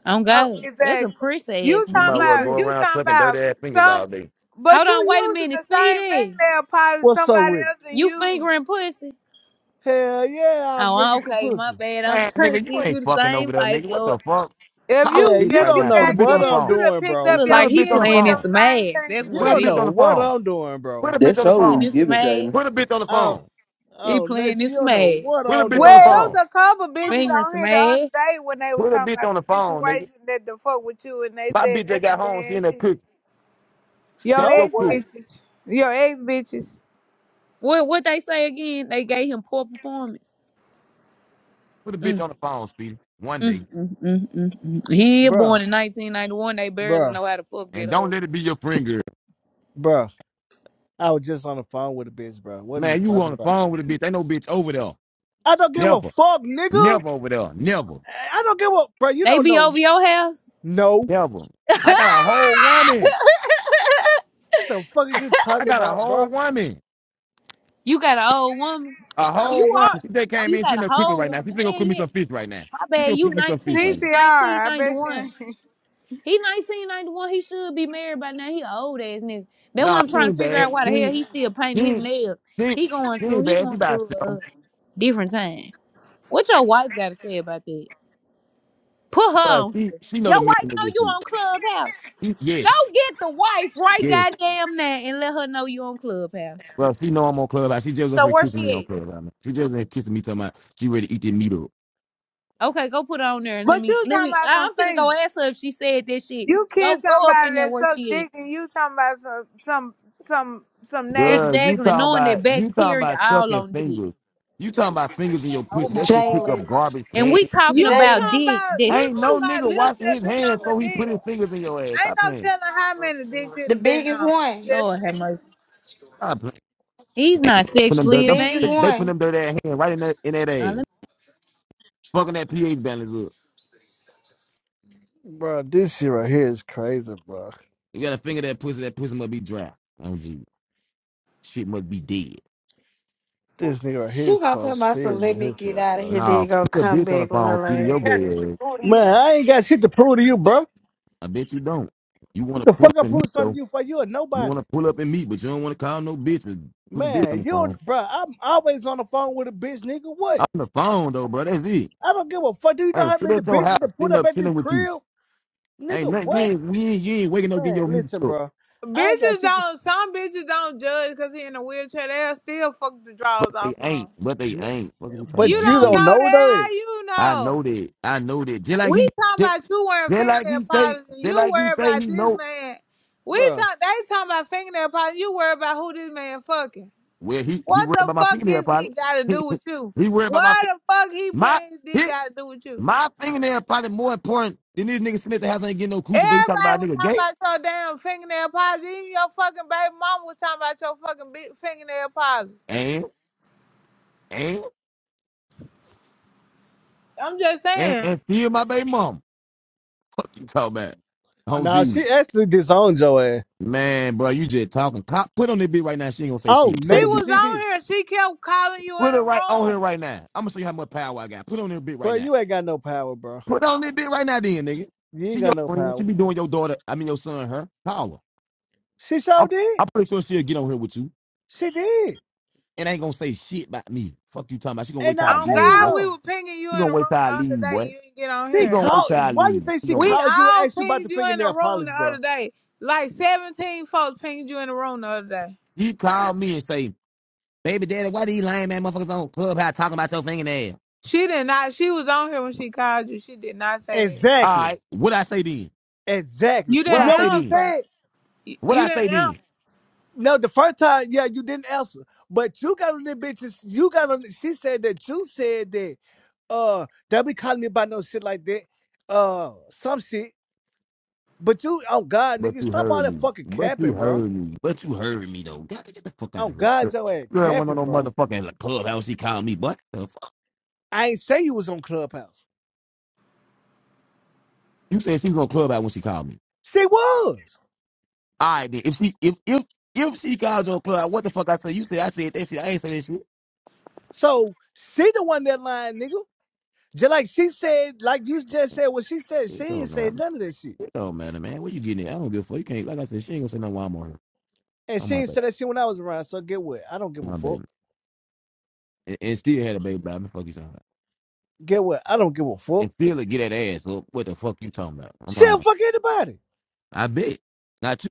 On Oh, God. That's a exactly. pretty ass You You nigga. might talking He well about? go pretty. You around talking sucking dirt about ass fingers all some? day. But Hold you on. Wait a using minute. the same Speedy. fingernail polish What's up somebody with it? else and You you. fingering pussy. Hell yeah, I'm Oh, I- freaking some okay. My pussy. bad. I'm Man, trying to nigga, you see if ain't you the fucking same over there, vice, nigga. What the Lord. fuck? If Call a you bitch Man, you if right don't you now. know Put a got bitch on what the kids, I'm you phone. done doing, picked It bro. up look Put your a like he bitch on kids the with playing in them phone. some same ass. That's fingers. You Put what a it don't bitch know on is. the what phone. I'm doing, Put bro. a That bitch on the show playing was phone. in some giving, ass. Jalen. Put a bitch on the Oh, phone. He oh, playing nuts, in you some don't know ass. what Put a I'm bitch on the doing, Well, it phone. bro. was a couple bitches Fingering on some here the other ass. day when they was Put a talking bitch about on the the phone, nigga. situation that the fuck with you, and they My said bitch that that's got some home, she gay in ass there shit. cooking. Your Bitch, So go ex cook. what, bitches, your ex bitches. What what they say again? They gave him poor performance. Put a bitch Mm, on the phone, Speedy, one day. mm, mm, mm, mm, mm. He bro? born in 1991. They barely Bruh, know how to fuck And that don't old. let it be your friend girl. bruh. I was just on the phone with a bitch, bruh. What is you Man, you talking on the about? phone with a bitch. Ain't no bitch over there. I don't give a Never. fuck, nigga. Never over there. Never. Eh, I don't give a bruh, you They don't be know. over your house. No. Never. I got a whole woman. The fuck is you I talking got a about, whole bruh? woman. you got an old woman. A Oh, whole you woman. are. She just Oh, came you in. She got a not cooking whole right now. She woman. gonna Hell cook me yeah. some fish right now. My She bad. gonna cook You me some 19. fish right You now. PTR, I bet she 1991. ain't. He 1991. He should be married by now. He a old ass nigga. That's why Nah, I'm she trying to ain't figure out bad. why She the hell he still she painting his nails. she He going she through. ain't He bad. She going by through herself. a different time. What your wife got to say about that? Put her Bruh, on she here. she know Your the wife meaning of know this you on shit. Clubhouse. She- Yes. Go get the wife right Yes. goddamn now and let her know you on Clubhouse. Well, she know I'm on club. She just up So here where kissing me on she club. She just up here kissing me talking about she ready to eat that meat up. at? Okay, go put her on there and let But me you let talking me. about I, some I'm finna go fingers. ask her if she said that shit. You Go kiss go up in somebody there that where suck she at. dick, and you talking about some some some some nasty Girl, you Exactly, fingers. talking knowing that about you talking bacteria about all sucking on dick. fingers. You talking about fingers in your Oh pussy. my That shit pick up God. Jaylee. garbage And cans. we talking You about Jaylee. talking dick about that you Ain't talking no sweat. about nigga lips washing that his been on hands the so he dick. put his fingers in your ass. Ain't Stop no playing. telling how many dicks it The have been biggest on. one. Just Lord have saying. mercy. Stop playing. He's not Put them dirt, sexually them, Biggest advanced. they put one. them dirty ass hand right in that in that ass. Fucking that pH balance up. Bruh, this shit right here is crazy, bruh. You got a finger that pussy, that pussy must be dry. OMG. Shit must be dead. This nigga right here She is gonna so tell my son, serious let with me his get here, out of bruh. here. Then No, gonna put a come bitch on the back with her phone, see your language. gay ass. Man, I ain't got shit to prove to you, bruh. I bet you don't. You What wanna the pull fuck up I and meet prove something though. to you for? You a You wanna nobody. pull up and meet, but you don't wanna call no bitch and put a bitch Man, on the you phone. a- bruh, I'm always on the phone with a bitch, nigga. I'm What? the phone though, bro. That's it. I don't give a fuck. Do you I know ain't how sit many at your house, bitches that put sitting up up at this chilling with you. crib? Ain't Nigga, nothing. You what? ain't, you ain't, you ain't waking up getting your Man, meat listen, cooked. bro. I ain't got Bitches shit. don't, some bitches don't judge because he in a wheelchair. They'll still fuck the But drawers they off of ain't. him. But they To, ain't. What are you talking You but about? It's you gay. don't don't know know that. though, How you I know? know that. I know that. Just like he, We talking just, about you wearing just like he fingernail say, polish. and just You like he worry say, he about this know. man. We bro. talk, they talking about fingernail polish. You worry about who this man fucking. Well, he he What worried the about my fuck fingernail his probably. dick got to do with you? he worried about my What fi- the fuck he my putting his dick he, got to do with you? my fingernail probably more important than these niggas sitting at the house ain't getting no coochie. But he talking Everybody about a was nigga gay talking about your damn fingernail polish. Even your fucking baby mama was talking about your fucking big fingernail polish. and and I'm just and saying. and steal my baby mom. Fuck you talking about? Oh, Nah, geez. she actually disowned your ass. Man, bro, you just talking. Pop, put on that bit right now. She ain't gonna say Oh, shit. Put She on that Nation bit. was CD, on here. She kept calling you in Put it the right on here room. right now. I'm gonna show you how much power I got. Put on that bit right bro. now. You ain't got no power, bro. Put on that bit right now, then, nigga. You She ain't your got no friend. She power. be doing your daughter. I mean your son. Her. Call her. She I'm, sure did. I'm pretty sure she'll get on here with you She did, and ain't gonna say shit about me. Fuck you talking about. She gonna wait and till I I On paid leave, boy. God, we her. were pinging She you in gonna the wait room till I the other leave, day. boy. You didn't get on She She here. gonna wait called. till I Why you leave. think She she gonna wait. We called you and all asked you about the pinged you in the fingernail room polish, the other bro? day. Like 17 folks pinged you in the room the other day. She called me and say, "Baby, daddy, why these lame man motherfuckers on clubhouse talking about your fingernail?" She did not. She was on here when she called you. She did not say that. All Exactly. right. What I say then? Exactly. You What You didn't I know say what you then? answer. said? You What you I didn't say answer. then? No, the first time, yeah, you didn't answer. But you got on the bitches. You got on. She said that you said that. Uh, that be calling me by no shit like that. Uh, some shit. But you, oh God, But nigga, you stop all heard me. that fucking But you capping, bro. heard me. But you heard me though. Gotta get the fuck out Oh of God, here. your ass Girl went on capping, no bro. motherfucking clubhouse. She called me. What the fuck? I ain't say you was on Clubhouse. You said she was on clubhouse when she called me. She was. All right, then. If she if if if she calls on clubhouse, what the fuck I say? You said I said that shit. I ain't say that shit. So she the one that lying, nigga. Just like she said, like you just said, what she said. She It ain't don't say matter. none of that shit, It don't matter, man. Where you getting it? I don't give a fuck. You can't. Like I said, she ain't gonna say no while I'm on her. and I'm she my ain't baby. said that shit when I was around. So get what? I don't give I'm a my fuck. baby. And, and still had a baby. But I'm the fuck you talking about. Get what? I don't give a fuck. And still get that ass up. What the fuck you talking about? I'm my She'll mom. fuck anybody, I bet. Not you.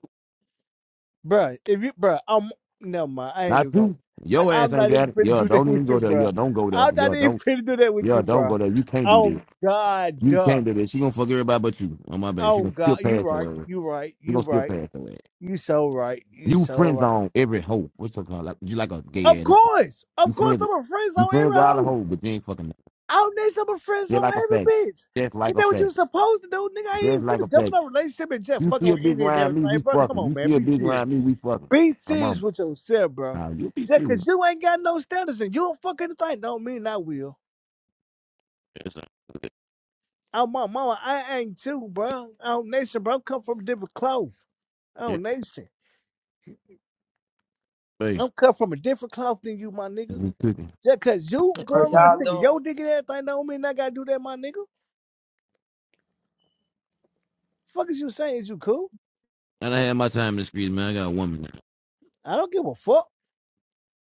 bruh. If you, bruh, I'm never mind. I ain't Not even gonna. you. Your ass I'm ain't not got even it. finna Yeah, do that don't even with you, go there. bruh. Yeah, don't go there. I'm not Yeah, even don't. finna do that with Yeah, you, don't bruh. go there. You can't do Oh this. God, You duh. can't do this. She gonna fuck everybody but you. Oh my baby. She Oh gonna still God, you pass right, her ass. you right, You you gonna still right. pass her ass. You so right, you You so friend right. zone every hoe. What's up, called? Like you like a gay Of ass nigga. course, You of course, friends I'm a friend you on every friends all the hoe. hoe, but you ain't fucking them. All next up with friends Just on like a every faggot. bitch. Just And like a that what you faggot. supposed to do, nigga. I ain't Just even like a finna jump faggot. in a relationship and just You fuck see on a big Indian and round me, everything, we bro. Come fucking. on, You man. see a Be big serious. round me, we fucking. Be My serious mama. with yourself, bro. Nah, you be Just serious. cause you ain't got no standards and you don't fuck anything, don't mean I will. Yes, sir. Oh my mama, I ain't too, bro. Oh nation, bro. I'm come from a different cloth. Oh Yeah, nation. babe. I'm cut from a different cloth than you, my nigga. We cooking. Just cause you Or going around y'all sticking your dick in everything don't mean I gotta do that, my nigga. Fuck is you saying? Is you cool? And I had my time in the streets, man. I got a woman now. I don't give a fuck.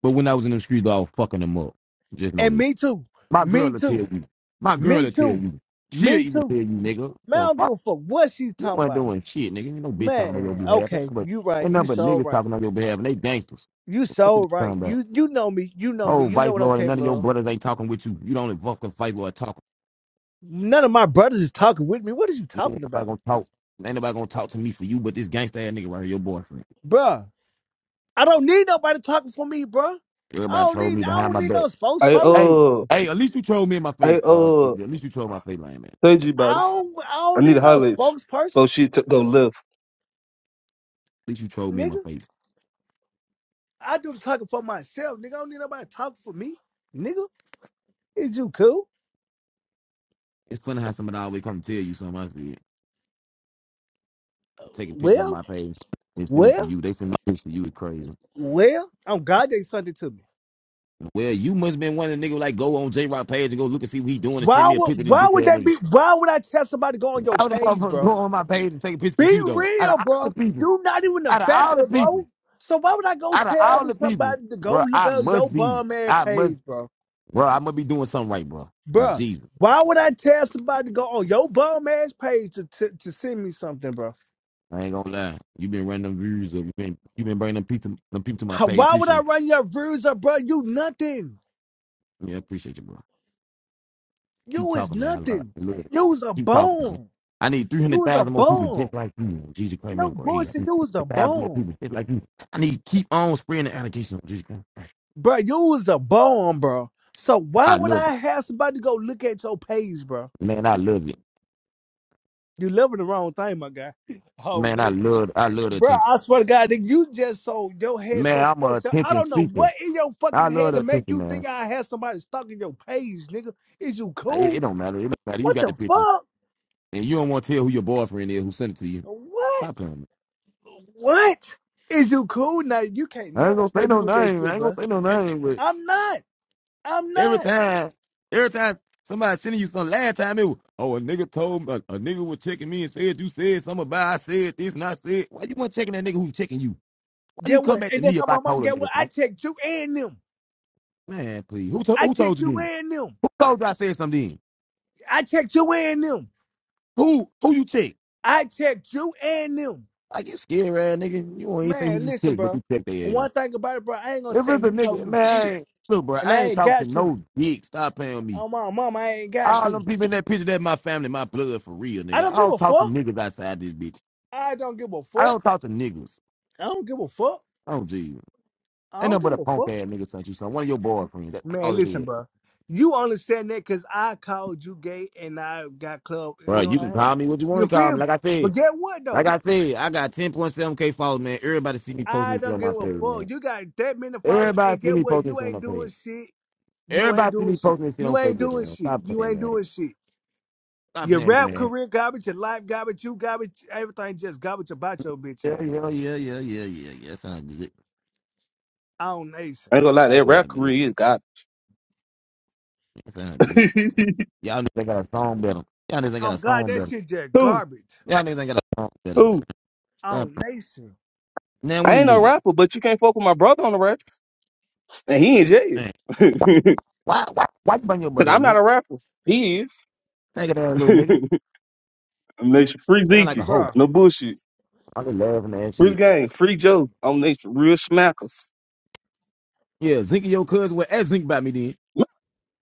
But when I was in them streets, though, I was fucking them up. Just know And that. me too. My girl Me will tell too. you. My girl Me will tell too. you. She'll Me even tell too. you, nigga. Man, I The don't fuck? give a fuck what she's You talking ain't about. doing shit, nigga. Ain't no bitch talking on your Man, behalf. Ain't nothing okay, but, you right. ain't You nothing but so niggas right. talking on your behalf, and they gangsters. You so right. Talking about, You you know me. You know me. oh, You know Vice what I'm Lord, and none of your capable of. brothers ain't talking with you. You don't even fucking fight or talk. None of my brothers is talking with me. What is you You Ain't talking nobody about, gonna talk. Ain't nobody gonna talk to me for you, but this gangster ass nigga right here, your boyfriend. bruh? I don't need nobody talking for me, bruh. I Everybody don't told need. me I behind don't my need no back. I spokesperson. Hey, uh, hey, at least you told me in my I face. Uh, uh, at least you told my face, man. At told you I about it. don't. I I don't need a need no holler at you before spokesperson, shit to go left. least you told me in my nigga. face. I do the talking for myself, nigga. I don't need nobody talking for me, nigga. Is you cool? It's funny how somebody always come tell you something I said, taking pictures on Well. my page and send them to Well, you. They send my pictures to you. It's crazy. well, i God they sent it to me. Well, you must have been one of the niggas like go on J Rock page and go look and see what he doing and send Why me a would picture of this, why this would that that nigga. be? Why would I tell somebody to go on your How the page, motherfucker go bro? on my page and take a picture for Be you though? Out of real, all bro. the people, You not even a out of all the factor, bro. people, So why would I go out of tell all the people, somebody to go bro, look I up your must be, bum ass I must, page, bro? bro, I must be doing something right, bro. On Bruh, Jesus, why would I tell somebody to go on your bum ass page to, to, to send me something, bro? I ain't gonna lie. You been running them views, or you been you been bringing them people, them people to my How- page. why would I Appreciate, run your views up, bro? You nothing. you. yeah, appreciate you, bro. You Keep was talking, man. I love, nothing. I love it. You was a Keep talking, man. bone. I need You was a 300,000 more people bone. just like you. on Jesus Christ, No man, great. I bullshit. need You was a 300,000 more bone. people just like you. I need to keep on spreading the allegations of Jesus Christ. Bro, you was a bum, bro. So why I would love it. I have somebody go look at your page, bro? Man, I love it. You loving the wrong thing, my guy. Oh, Man, I nature. love I love the Bro, attention. I swear to God, nigga, you just so your head Man, so I'm a fucked up. I attention don't know speaker. what in your I fucking love head the to make attention, you man. think I had somebody stalking your page, nigga. Is you I- It, cool? it don't matter. It don't matter. You What got the the picture. fuck? And you don't want to tell who your boyfriend is who sent it to you. What? Stop playing. man. What? Is you cool? Now you can't I ain't never gonna say pay me no with that name. I shit, ain't gonna bro. say no name, but I'm not. I'm Every not. time, every time somebody sending you something, last time it was, oh, a nigga told me, a, a nigga was checking me and said, you said something about, I said this and I said, why you want checking that nigga who's checking you? Why you Get come what? And after me that's how if I my mom told a get nigga what I something? checked you and them. Man, please, who, to, I who told checked you you then? and them. Who told you I said something then? I checked you and them. Who, who you check? I checked you and them. Like, you scared ass nigga. You won't even say who Man, you listen, check, but bro. you check their ass. One thing about it, bro, I ain't gonna If say it's a who nigga, told me man, I shit. ain't, look, bro, And I I ain't ain't talking got to to. no dick. Stop playing with me. Oh my mom, I ain't got All to. them people in that picture, that my family, my blood for real, I nigga. I don't give don't a talk to fuck. niggas outside this bitch. I don't give a I don't fuck. talk to niggas. I don't give a fuck. Oh, gee. I Ain't don't nothing but give a a punk fuck. ass nigga sent you something. One of your boyfriends. That's Man, all it listen, is. bro. You only said that because I called you gay and I got club. You bro. know You what I can call mean? me what you want You to call me. feel Like me? I said, But get what like though? I said, I got 10.7K followers, man. Everybody see me posting I this shit don't on my give a page, man. fuck. You got that many followers, Everybody and see get me what? posting this You shit on my ain't doing page. shit. You ain't Everybody see doing me shit. posting this shit on You ain't Facebook, doing man. shit. Stop You playing, ain't man. doing shit. Stop Your playing, rap man. career garbage, your life garbage, you garbage, everything just garbage about your bitch Yeah, ass. yeah, yeah, yeah, yeah, yeah, yeah. That sound good. On Nation. I ain't gonna lie, It that rap sound good. career is god. It sound good. Y'all niggas ain't got a song better. Y'all niggas ain't got Oh a God, song that better. shit just who, garbage. Y'all niggas ain't got a song better, man. who? Stop. On Nation. Now, I one of ain't you no niggas. rapper, but you can't fuck with my brother on the rap, and he in jail. man. Cause Why, why, why you bring your brother I'm in not there? a rapper. He is. Take it down, little I'm nigga. next to free Sound like a Zeke. hoe. Bruh. No bullshit. I just laughing at that Free shit. game. Free Joe. I'm next to real smackers. Yeah, zinc your cousin. Well, that zinc about me then.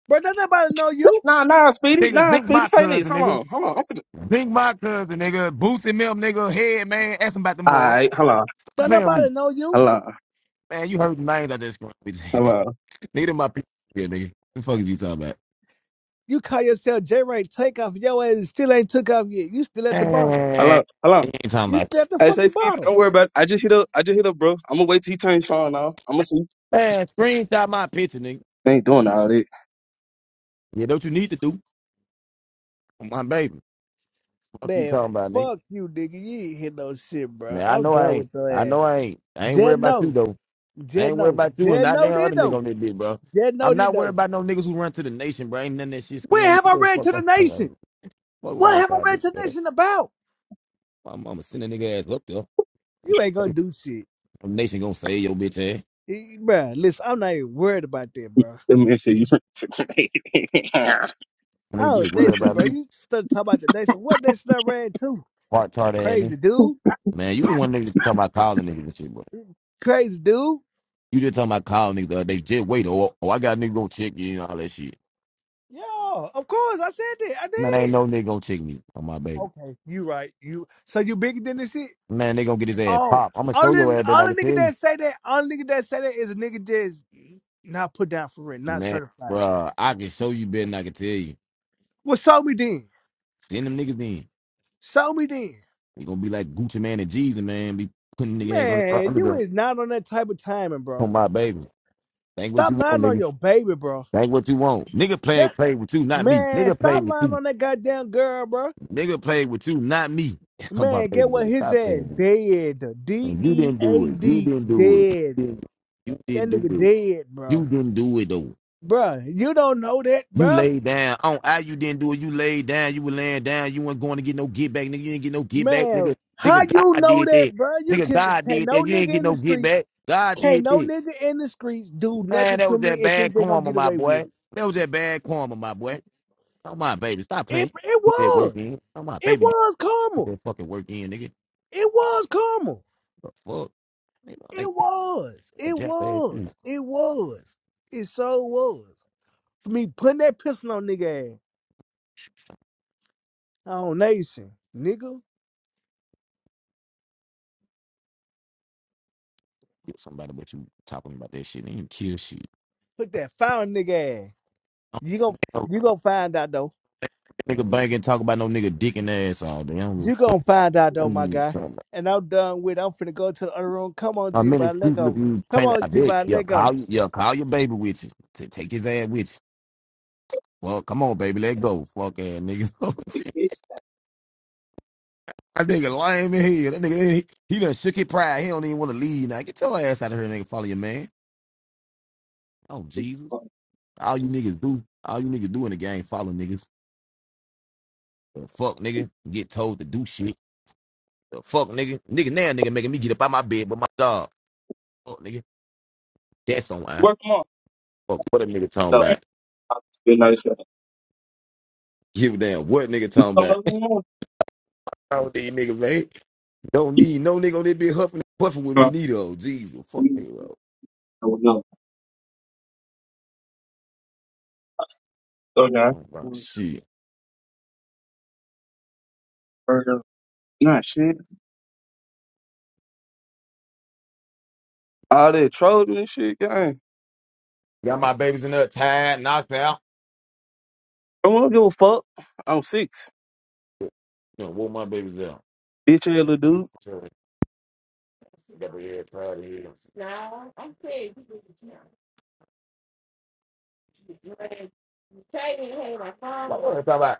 Bruh, don't nobody know you. Nah, nah, Speedy. Nigga, Nah, zinc Speedy. my Say this. cousin, Hold nigga. on. Hold on. I'm finna... Zinc my cousin, nigga. Boost and them, nigga. Head, man. Ask them about them All boys. right. Hold on. I'm Don't playing with me. nobody know you. Hold on. Man, you heard the names I just screamed. Hold nigga. on. Nigga, them my people. Yeah, nigga. The fuck is you talking about? You call yourself J Ray Takeoff, your ass still ain't took off yet. You still at the bottom. Hold Man, on. Hold on. you ain't talking You about. still at the Hey, say fucking Speedy. bottom. Don't worry about it. I just hit up. I just hit up, bro. I'm gonna wait till he turns phone off. I'm gonna see. Man, screenshot my picture, nigga. They ain't doing all that. Yeah, don't you need to do? My baby. Fuck you Man, talking about, nigga. fuck you, nigga. You ain't hit no shit, bruh. Man, I I'm know I done ain't. with your I ass. know I ain't. I ain't worried Jed about you, no. though. I Jed ain't worried no. about you and Jed not no that did other nigga though. on that bitch, bro. That know I'm they not worried know. about no niggas who run to the nation, bro. Ain't none of that shit Where scaring me. have I Give a read Fuck to the about that, right? nation? Fuck What wrong with have I y'all, read to the bitch ass. nation about? My mama send a nigga ass up there. You ain't gonna do shit. The nation gonna save your bitch ass. Eh, Bruh, listen, I'm not even worried about that, bro. Let me see. You finna... And they Oh, did worry nation, about bro. me. You started talking about the nation. What nation I read to? Heart tart ass nigga. Crazy dude. Man, you the one nigga talking about calling niggas and shit, bro. Crazy dude. You just talking about calling niggas. the other day. just wait. Oh, oh, I got a nigga gonna check you and all that shit. Yeah, of course. I said that. I Man, ain't did. no nigga gonna check me on my baby. Okay, you right. You so you bigger than this shit? Man, they gonna get his ass Oh, popped. I'm gonna show only your ass, then I can only tell nigga you. that say that, only nigga that say that is a nigga that's not put down for rent, not Man, certified. bro, I can show you better than I can tell you. Well, show me then. Send them niggas in. Show me then. They gonna be like Gucci Man and Jeezy, man. Be putting niggas ass un- Man, under you them. is not on that type of timing, bro. On my baby. Think what Stop you want, lying on nigga. your baby, bro. Think what you want. Nigga That played played with you, not me. man, Nigga stop played with lying you. on that goddamn girl, bro. Nigga played with you, not me. On my Man, baby, get what nigga. his Stop ass playing with me. dead. D Man, you E didn't do A it. You D didn't do it. dead. You didn't, you That didn't nigga do it. dead, You bro. didn't do it though. Bruh, you don't know that, You bro. laid down. On I you didn't do it. You laid down. You were laying down. You weren't going to get no get back, nigga. You ain't get no get back, nigga. Man, how Nigga, you God know did that, that. bro? You Nigga, can God can did no that. You ain't nigga get in no the get streets. back. God can't did no that. nigga in the streets do Man, nothing that to was that me and think bad they gonna karma, get my away with boy. it. That was that bad karma, my boy. Oh my baby, stop It playing. it You put that work was, in. Oh my it baby, you was put karma. that fucking work in, nigga. It was karma. What the fuck? They It know was. they It jack ass was. you. It was. It so was. For me putting that pistol on nigga ass. On nation. Nigga. Get somebody but you talking about that shit and you kill shit. Put that fire on nigga ass. You gon' Oh, you going find out though. Nigga bang and talk about no nigga dick in their ass all day. I don't give You gonna find out though, my guy. a fuck. And I'm done with I'm finna go to the other room. Come on, G I'm in by let excuse with go. you Come playing on, I G bet. by Yeah, let go. call you yeah, call your baby with you. T- Take his ass with you. Well, come on, baby, let go. Fuck ass niggas. That nigga lame in here. That nigga, he, he done shook his pride. He don't even want to leave now. Get your ass out of here, nigga. Follow your man. Oh, Jesus. All you niggas do, all you niggas do in the game, follow niggas. The fuck, nigga. Get told to do shit. The fuck, nigga. Nigga, now nigga making me get up out my bed but my dog. Fuck, nigga. That's on why. Work come on. Fuck, what a nigga talking No. about. I still not sure. Give a damn what nigga You talking come about. up with more? oh, these niggas, man. Don't need no nigga on this bitch huffing and puffing with me Huh? neither. Oh, Jesus. Fuck, nigga, bro. No, no. Okay. Talking about shit. Nah, shit. All that trolling and shit, gang. I Got my babies in there tired, knocked out. don't give a fuck. I'm six. You know, wore my babies out. Bitch ass little dude. So I got the head tired of here. Now, I'm saying, Katie had my My father. brother talking about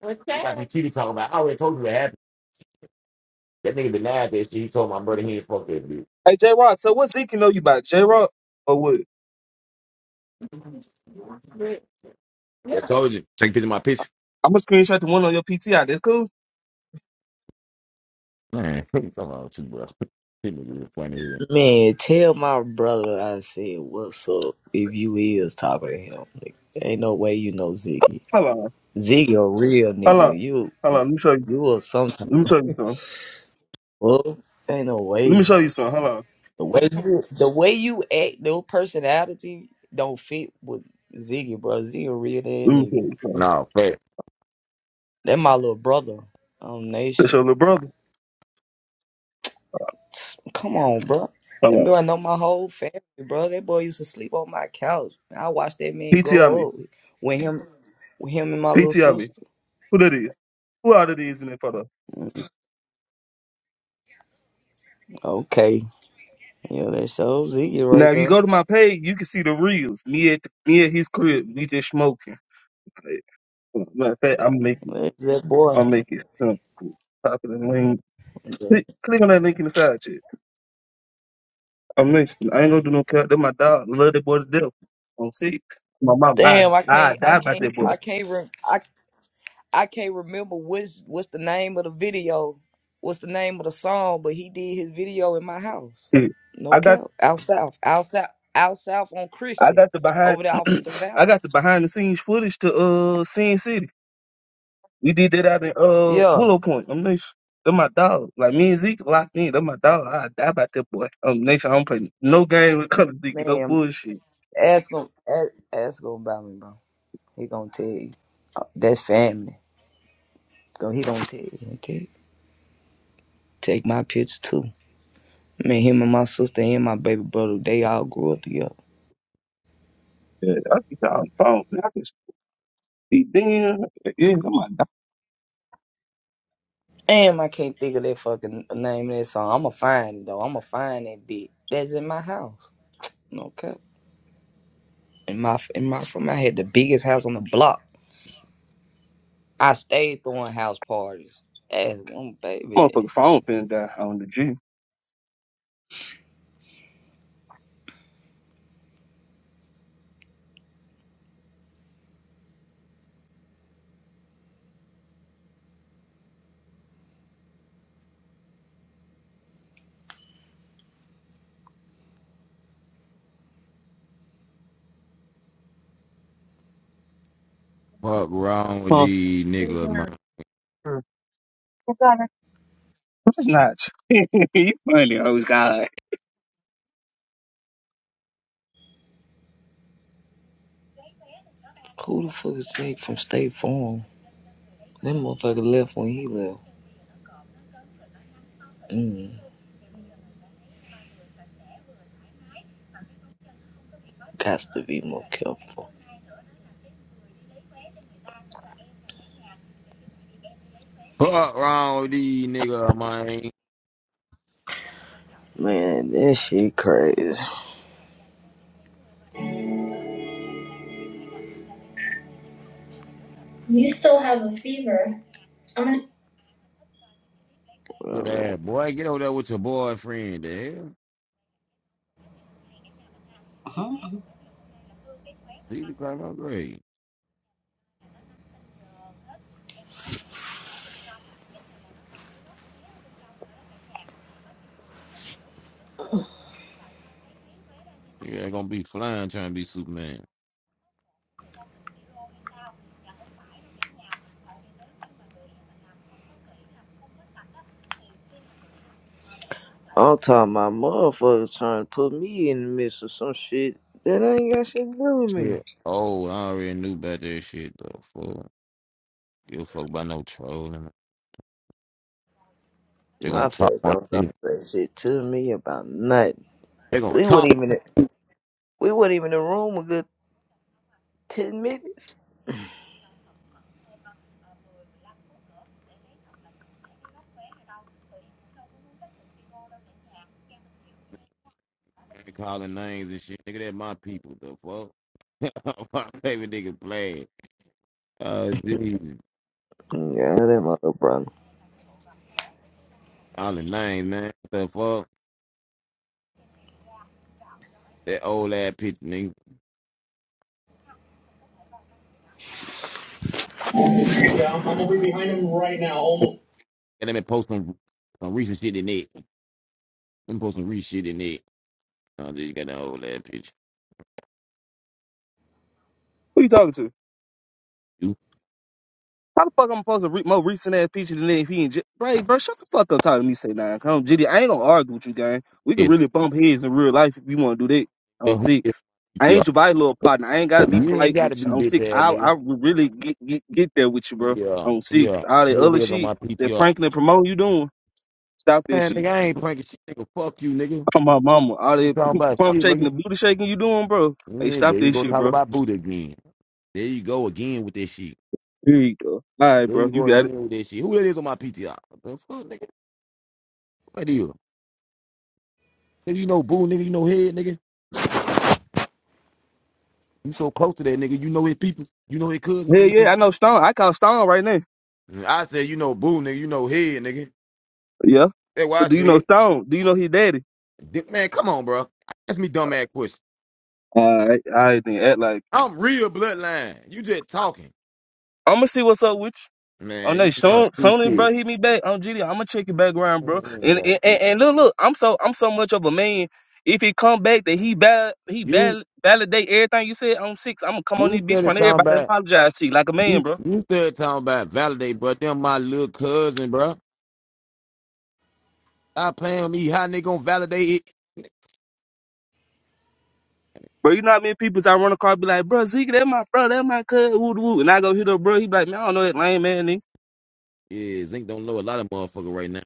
When you got Katie me talking about I already told you what happened. That nigga denied that shit. He told my brother he ain't fuck that bitch. Hey, J Rod, so what Zeke can know you about? J Rod or what? But yeah. I yeah, told you. Take a picture of my picture. I'm gonna screenshot the one on your PTI. That's cool. Man, it's about you, bro. He nigga is funny here. Man, tell my brother I said what's up if you is talking to him. Like, ain't no way you know Ziggy. Hold on, Ziggy a real hold nigga. on, You hold on. Let me show you. you a some type Let me show you some. of ain't no Let me way. show you some. Hold on. The way you the way you act, your personality don't fit with Ziggy, bro. Ziggy a real dead Let me show nigga. you some. No, fact. That my little brother um That's nation. your little brother. Come on, bro. Hold That on. boy know my whole family, bro. That boy used to sleep on my couch. I watched that man PTI me. grow up with him with him and my little PTI me. sister. Who that is? Who all that is in that photo? Okay. Yeah, that shows Ziggy Now, right if you there. go to my page, you can see the reels. Me at me at his crib. Me just smoking. Like, Matter of fact, I'm making. There's that boy. I'm making something. Copy the link. Click, click on that link in the side chat. I'm making. I ain't gonna do no cap. That my dog. Love that boy to death. On six. My mom, I Damn, I I can't I died about can't that boy. I can't re- I I can't remember what's what's the name of the video. What's the name of the song, but he did his video in my house. Yeah. No I got cap. Out south. Out south out south on I Christian. got the behind Over there off of I Savannah. got the behind the scenes footage to uh Sin City. We did that out in uh Yeah. Willow Point. I'm nation. They're my dog. Like me and Zeke locked in. They're my dog. I die about that boy. Um nation, I don't play no game when it comes to Zeke. No Man, bullshit. ask him ask, ask him about me, bro. He gonna tell you. Uh, That's family. Go he gonna tell you. Okay. take my picture too. I mean, him and my sister and my baby brother, they all grew up together. Yeah, I can get on the phone. Man. I can speak then. Yeah, I'm my dog. Damn, I can't think of that fucking name of that song. I'ma find it though. I'ma find that bitch. That's in my house. No cap. In my in my from I had the biggest house on the block. I stayed throwing house parties. That's one baby. Motherfucker, phone pin guy on the G. Fuck wrong with Huh? these niggas, man. That's not. you funny, oh God. Who the fuck is Jake from State Farm? That motherfucker left when he left. Mm, got to be more careful. Fuck wrong with these niggas, man. Man, that shit crazy. Look Well, at that boy. Get over there with your boyfriend, eh? Jesus Christ, my grade. You ain't gonna be flying trying to be Superman. I'm talking my motherfuckers trying to put me in the midst of some shit that ain't got shit to do with me. Shit. Oh, I already knew about that shit though. Fuck. Give a fuck about no trolling. They gonna My talk fat my don't talk shit. that shit to me about nothing. They gonna We talk wouldn't even we wouldn't even in the room a good ten minutes. and calling names and shit. Nigga, that my people though. Fuck. my favorite nigga playing. Oh Jesus. Yeah, that mother brother. All the names, man. What the fuck? That old ass picture, nigga. Yeah, I'm, I'm gonna be behind him right now, almost. And let me post some some recent shit in it. Let me post some recent shit in it. Oh, just got that old ass picture. Who you talking to? You How the fuck I'm supposed to read more recent ass picture than that if he and J- Bray, bro, shut the fuck up talking to me say nine. Come, JD, I ain't gonna argue with you, gang. We can really bump heads in real life if you wanna do that on six. I is ain't your body little partner. I ain't gotta be You ain't polite got to with you. be On bitch six, ass I I nigga. will really get, get get there with you, bro. Yeah, On six. yeah. All that Here it other is on shit my that PTR. pranking and promoting you doing, stop that Man, shit. nigga, I ain't pranking shit, nigga. Fuck you, nigga. On my mama. All You that talking about pump shit, shaking, the nigga. booty shaking you doing, bro. Hey, Yeah, stop there you that go shit, talk bro. about Buddha again. There you go again with that shit. Here you go. All right, There bro. you You go got it. again with that shit. Who that is on my PTR? The fuck, nigga? What is? Nigga, you know Boo, nigga. You know Head, nigga. You so close to that nigga. You know his people. You know his cousins. Hell for real. yeah, I know Stone. I call Stone right now. Mm, I said, you know Boo, nigga. You know Head, nigga. Yeah. That's why But I do you know said, Stone? Do you know his daddy? man, come on, bro. Ask me dumb ass question. All right, all right, then act like I'm real bloodline. You just talking. I'm gonna see what's up with you. On Man, that you got Sean, PC. You gotta Sony, bro, shit. hit me back on GD. I'm gonna check your background, bro. Mm-hmm, And and, exactly. and and look, look, I'm so I'm so much of a man. If he come back that he val he you val- validate everything you said on six, I'm gonna come on this you bitch started front of talking everybody and about apologize to you like a man, you bro. you started talking about validate, but them my little cousin, bro. I playing with me. How they gonna validate it? Bro, you know how many people I run a car be like, bro, Zeke, that my bro, that my cousin, woo woo, and I go hit up, bro. He be like, man, I don't know that lame man. Yeah, Zink don't know a lot of motherfucker right now.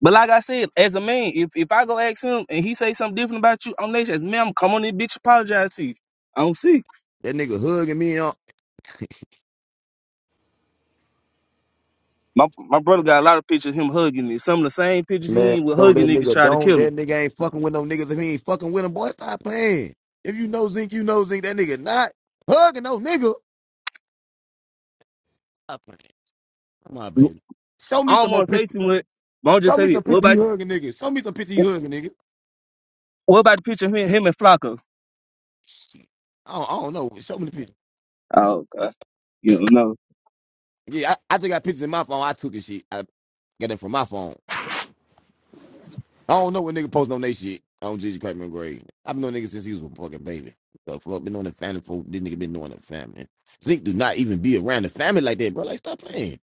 But like I said, as a man, if, if I go ask him and he say something different about you I'm next, as ma'am, come on in, bitch, apologize to you. I don't see. That nigga hugging me up. My my brother got a lot of pictures of him hugging it. Some of the same pictures Man, he in with no, hugging that niggas nigga try to don't. kill him. That nigga ain't So, fucking with no niggas if he ain't fucking with them. Boy, stop playing. If you know Zink, you know Zink. That nigga not hugging no nigga. Stop playing. Come on, baby. Show I me don't some more want to say pictures. too much, but I'll just Show say me this. some What picture he about hugging niggas. Show me some picture he hugging niggas. what about the picture of him, him and Flocko? I don't, I don't know. Show me the picture. Oh God, you don't know. Yeah, I, I just got pictures in my phone. I took it shit. I got it from my phone. I don't know what nigga posting on they shit on Jesus Christ and grave. I've been knowing niggas since he was a fucking baby. The fuck been on the family for this nigga been knowing the family. Zeke do not even be around the family like that, bro. Like stop playing.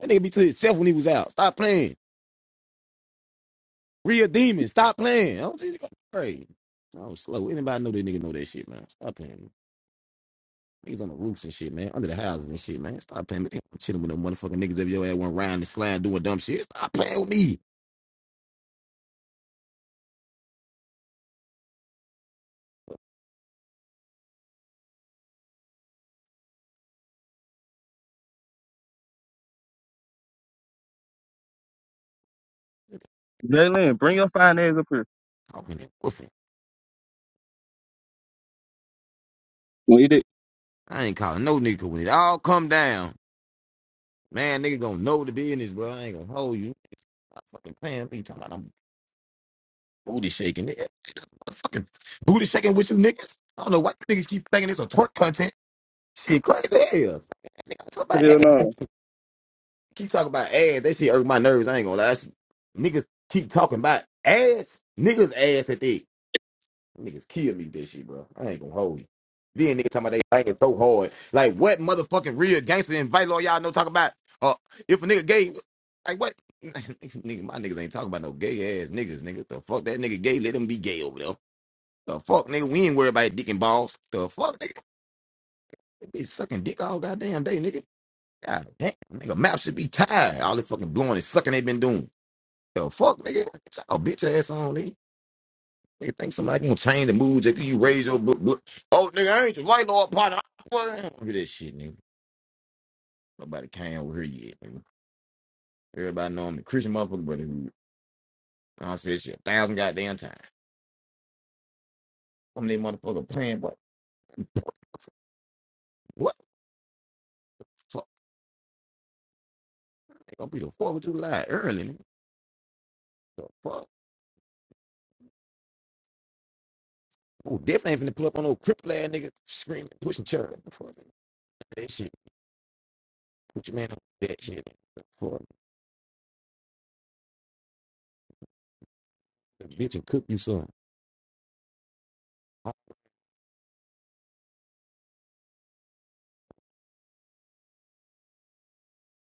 That nigga be to himself when he was out. Stop playing. Real demon. Stop playing. I don't Jesus Christ. and Grave. I was slow. Anybody know that nigga know that shit, man. Stop playing. Niggas on the roofs and shit, man. Under the houses and shit, man. Stop playing. with- me. I'm chilling with them motherfucking niggas every your ass one round and slide doing dumb shit. Stop playing with me. Jalen, bring your fine ass up here. Talking and woofing. We did. I ain't calling no nigga when it all come down. Man, nigga gonna know the business, bro. I ain't gonna hold you. Stop fucking playing with me. Talking about I'm booty shaking. Nigga. Fucking booty shaking with you niggas. I don't know why you niggas keep thinking it's a twerk contest. She crazy as hell. Nigga, I'm talking about Hell ass. no. Keep talking about ass. That shit irked my nerves. I ain't gonna lie. That shit- niggas keep talking about ass. Niggas ass at that. Niggas kill me with this shit, bro. I ain't gonna hold you. Then niggas talking about they banging so hard. Like what motherfucking real gangster invite all y'all know talk about? Uh, if a nigga gay, like what? nigga, my niggas ain't talking about no gay ass niggas, nigga. The fuck that nigga gay? Let him be gay over there. The fuck, nigga? We ain't worried about dick and balls. The fuck, nigga? They be sucking dick all goddamn day, nigga. God damn, nigga, map should be tired. All the fucking blowing and sucking they been doing. Yo, fuck, nigga. Get your bitch ass on, nigga. Nigga think somebody gonna change the mood just 'cause you raise your book. book. Oh, nigga, I ain't your white lord partner. Look at that shit, nigga. Nobody came over here yet, nigga. Everybody know I'm a Christian motherfucker, but who I said shit a thousand goddamn times. Some of they motherfucker playing, but what the fuck? They gonna be the fourth of July early, nigga. Fuck. Oh, definitely ain't finna pull up on no crip lad, nigga screaming, pushing chairs. Fuck That shit. Put your man on that shit. The bitch will cook you some. I hope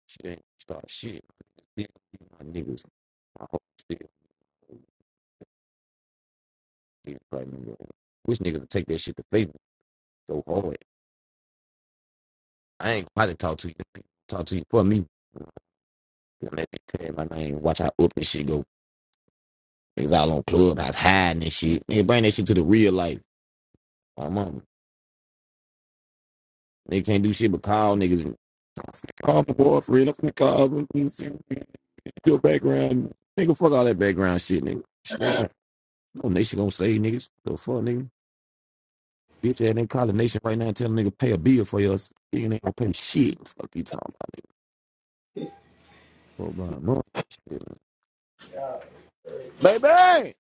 she ain't start shit. Still, be my niggas. I hope still be fighting Which niggas will take that shit to favor? Go hard. I ain't about to talk to you. Talk to you for me. Don't Let me tell you my name. Watch how up this shit go. Niggas all on clubhouse hiding this shit. Nigga, bring that shit to the real life. My mama. Nigga can't do shit but call niggas. I'm finna call my boyfriend. I'm finna call him. Let me see your background. Nigga, fuck all that background shit, nigga. Shit ain't gonna, no nation gonna say niggas. The fuck, nigga. Bitch, ass nigga call the nation right now and tell a nigga pay a bill for your shit and they gonna pay shit. Fuck you talking about nigga. For my a Shit. Baby!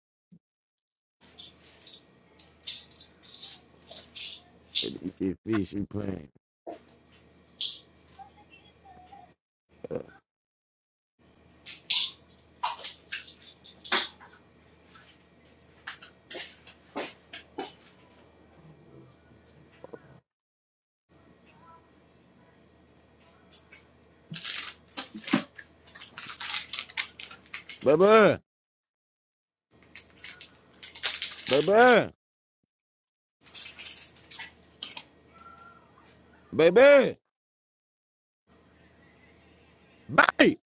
Baby, Eat this fish you playing. Uh, Baby! Baby! Baby! Baby!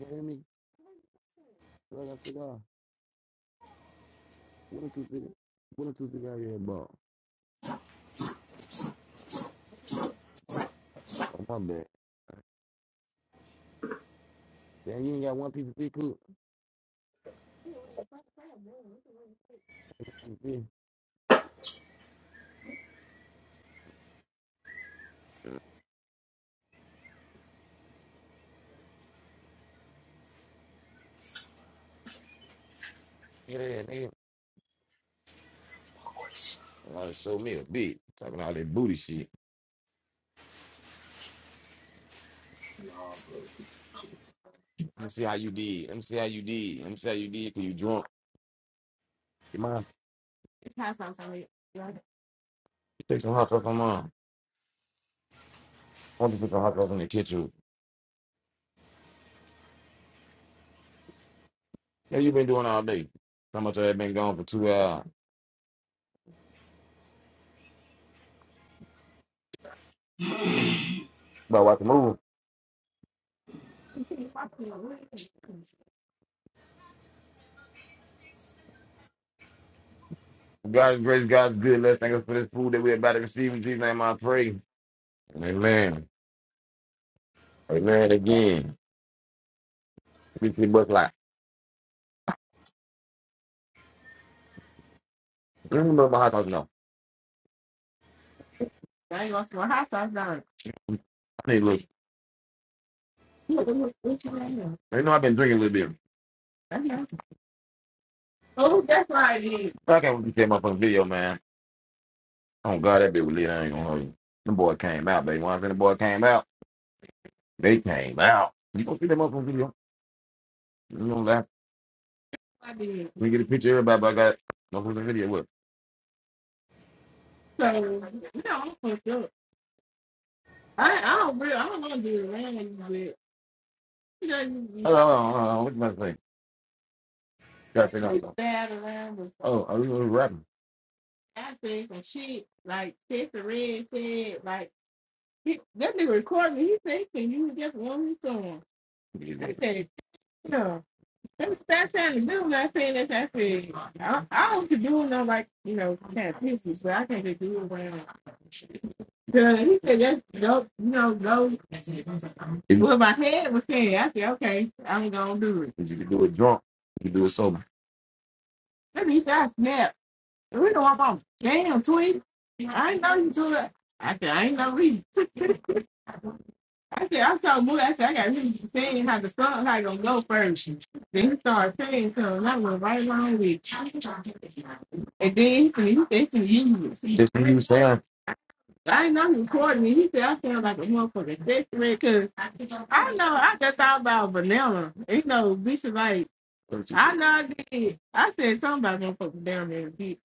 You hear me? What I got cigar? One or two cigars? One or two cigars you had bought? Oh, my bad. Damn, you ain't got one piece of fish cooked? Get that nigga. want show me a bitch. Talking all that booty shit. Let me see how you did. Let me see how you did. Let me see how you did. Can you drunk. Your mom. It's past time, sorry. You want it? take some hot sauce on mom. I want to put some hot sauce in the kitchen. Yeah, you been doing all day. How much I had been gone for two hours. About watch the movie. God's grace, God's good. Let's thank us for this food that we're about to receive in Jesus' name. I pray. Amen. Amen again. We see bus like. I don't know my hot sauce now. I ain't gonna see my hot sauce now. I need a little. They know I've been drinking a little bit. Oh, that's right. it is. I can't believe you came up on the video, man. Oh God, that bitch was lit. I ain't gonna hold you. The boy came out, baby. When I said the boy came out, they came out. You gonna see them up on video? You gonna laugh? I did. We get a picture of everybody. But I got no on video with. So you know, I'm fucked up. I, I don't really, I don't want to be around you, but you know, you Hold on, hold on, hold on. What you about to say? You gotta say nothing. bad around with Oh, I was rapping. I said some shit like Tessa Red said, like He, that nigga recorded me. he said, can you just want me song. I said, no. Let me start trying to do not saying that. I said, I, I don't just do no like, you know, kind of tissues, but I can't just do it around. So he said, that's dope, you know, go. Well, my head was saying, I said, okay, I'm going to do it. Because you can do it drunk, you can do it sober. Let me start snap. We don't want damn tweet. I ain't know you do it. I said, I ain't know we. I said, I told Moody, I said, I got really sing how the song, how it gonna go first. Then he started saying something, and I went right along with it. And then he said, he said, "It's use it. Just use them. I ain't know he recording me. He said, I sound like a motherfucker. sex That's because I know, I just thought about vanilla. You know, bitches like, I know I did. I said something about motherfucker down there, bitch.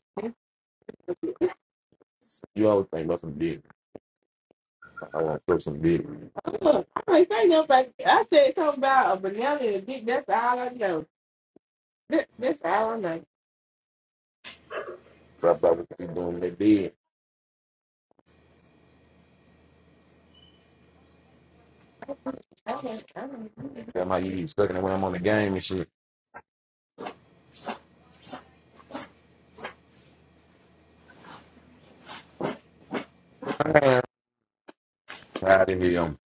You always think about some dick. I gotta cook some meat. Look, I ain't saying nothing like I said something about a banana and a dick. That's all I know. That, that's all I know. Right about what you doing in the bed. I don't, I don't. Tell 'em how you be sucking it when I'm on the game and shit. Get Out of here. um.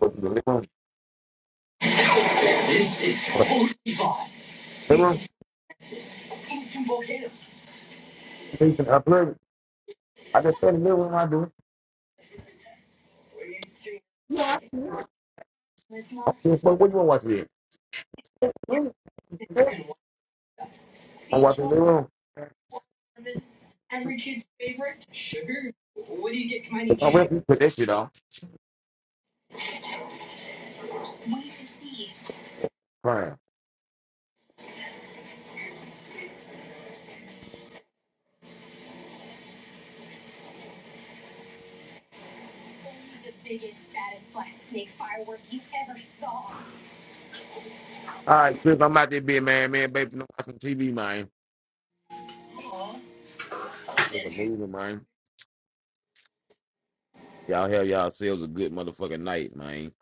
Go to the living room. Go Living room. You can upload it. I just tell the living room I do. it. Yeah, I do fuck what you wanna watch it. in?" I'm watching the living room. My rep, you put that shit on. Fine. All right, Chris, I'm out there, big man, man, baby. I'm watching TV, man. There's a movie, man. Y'all have y'all selves a good motherfucking night, man.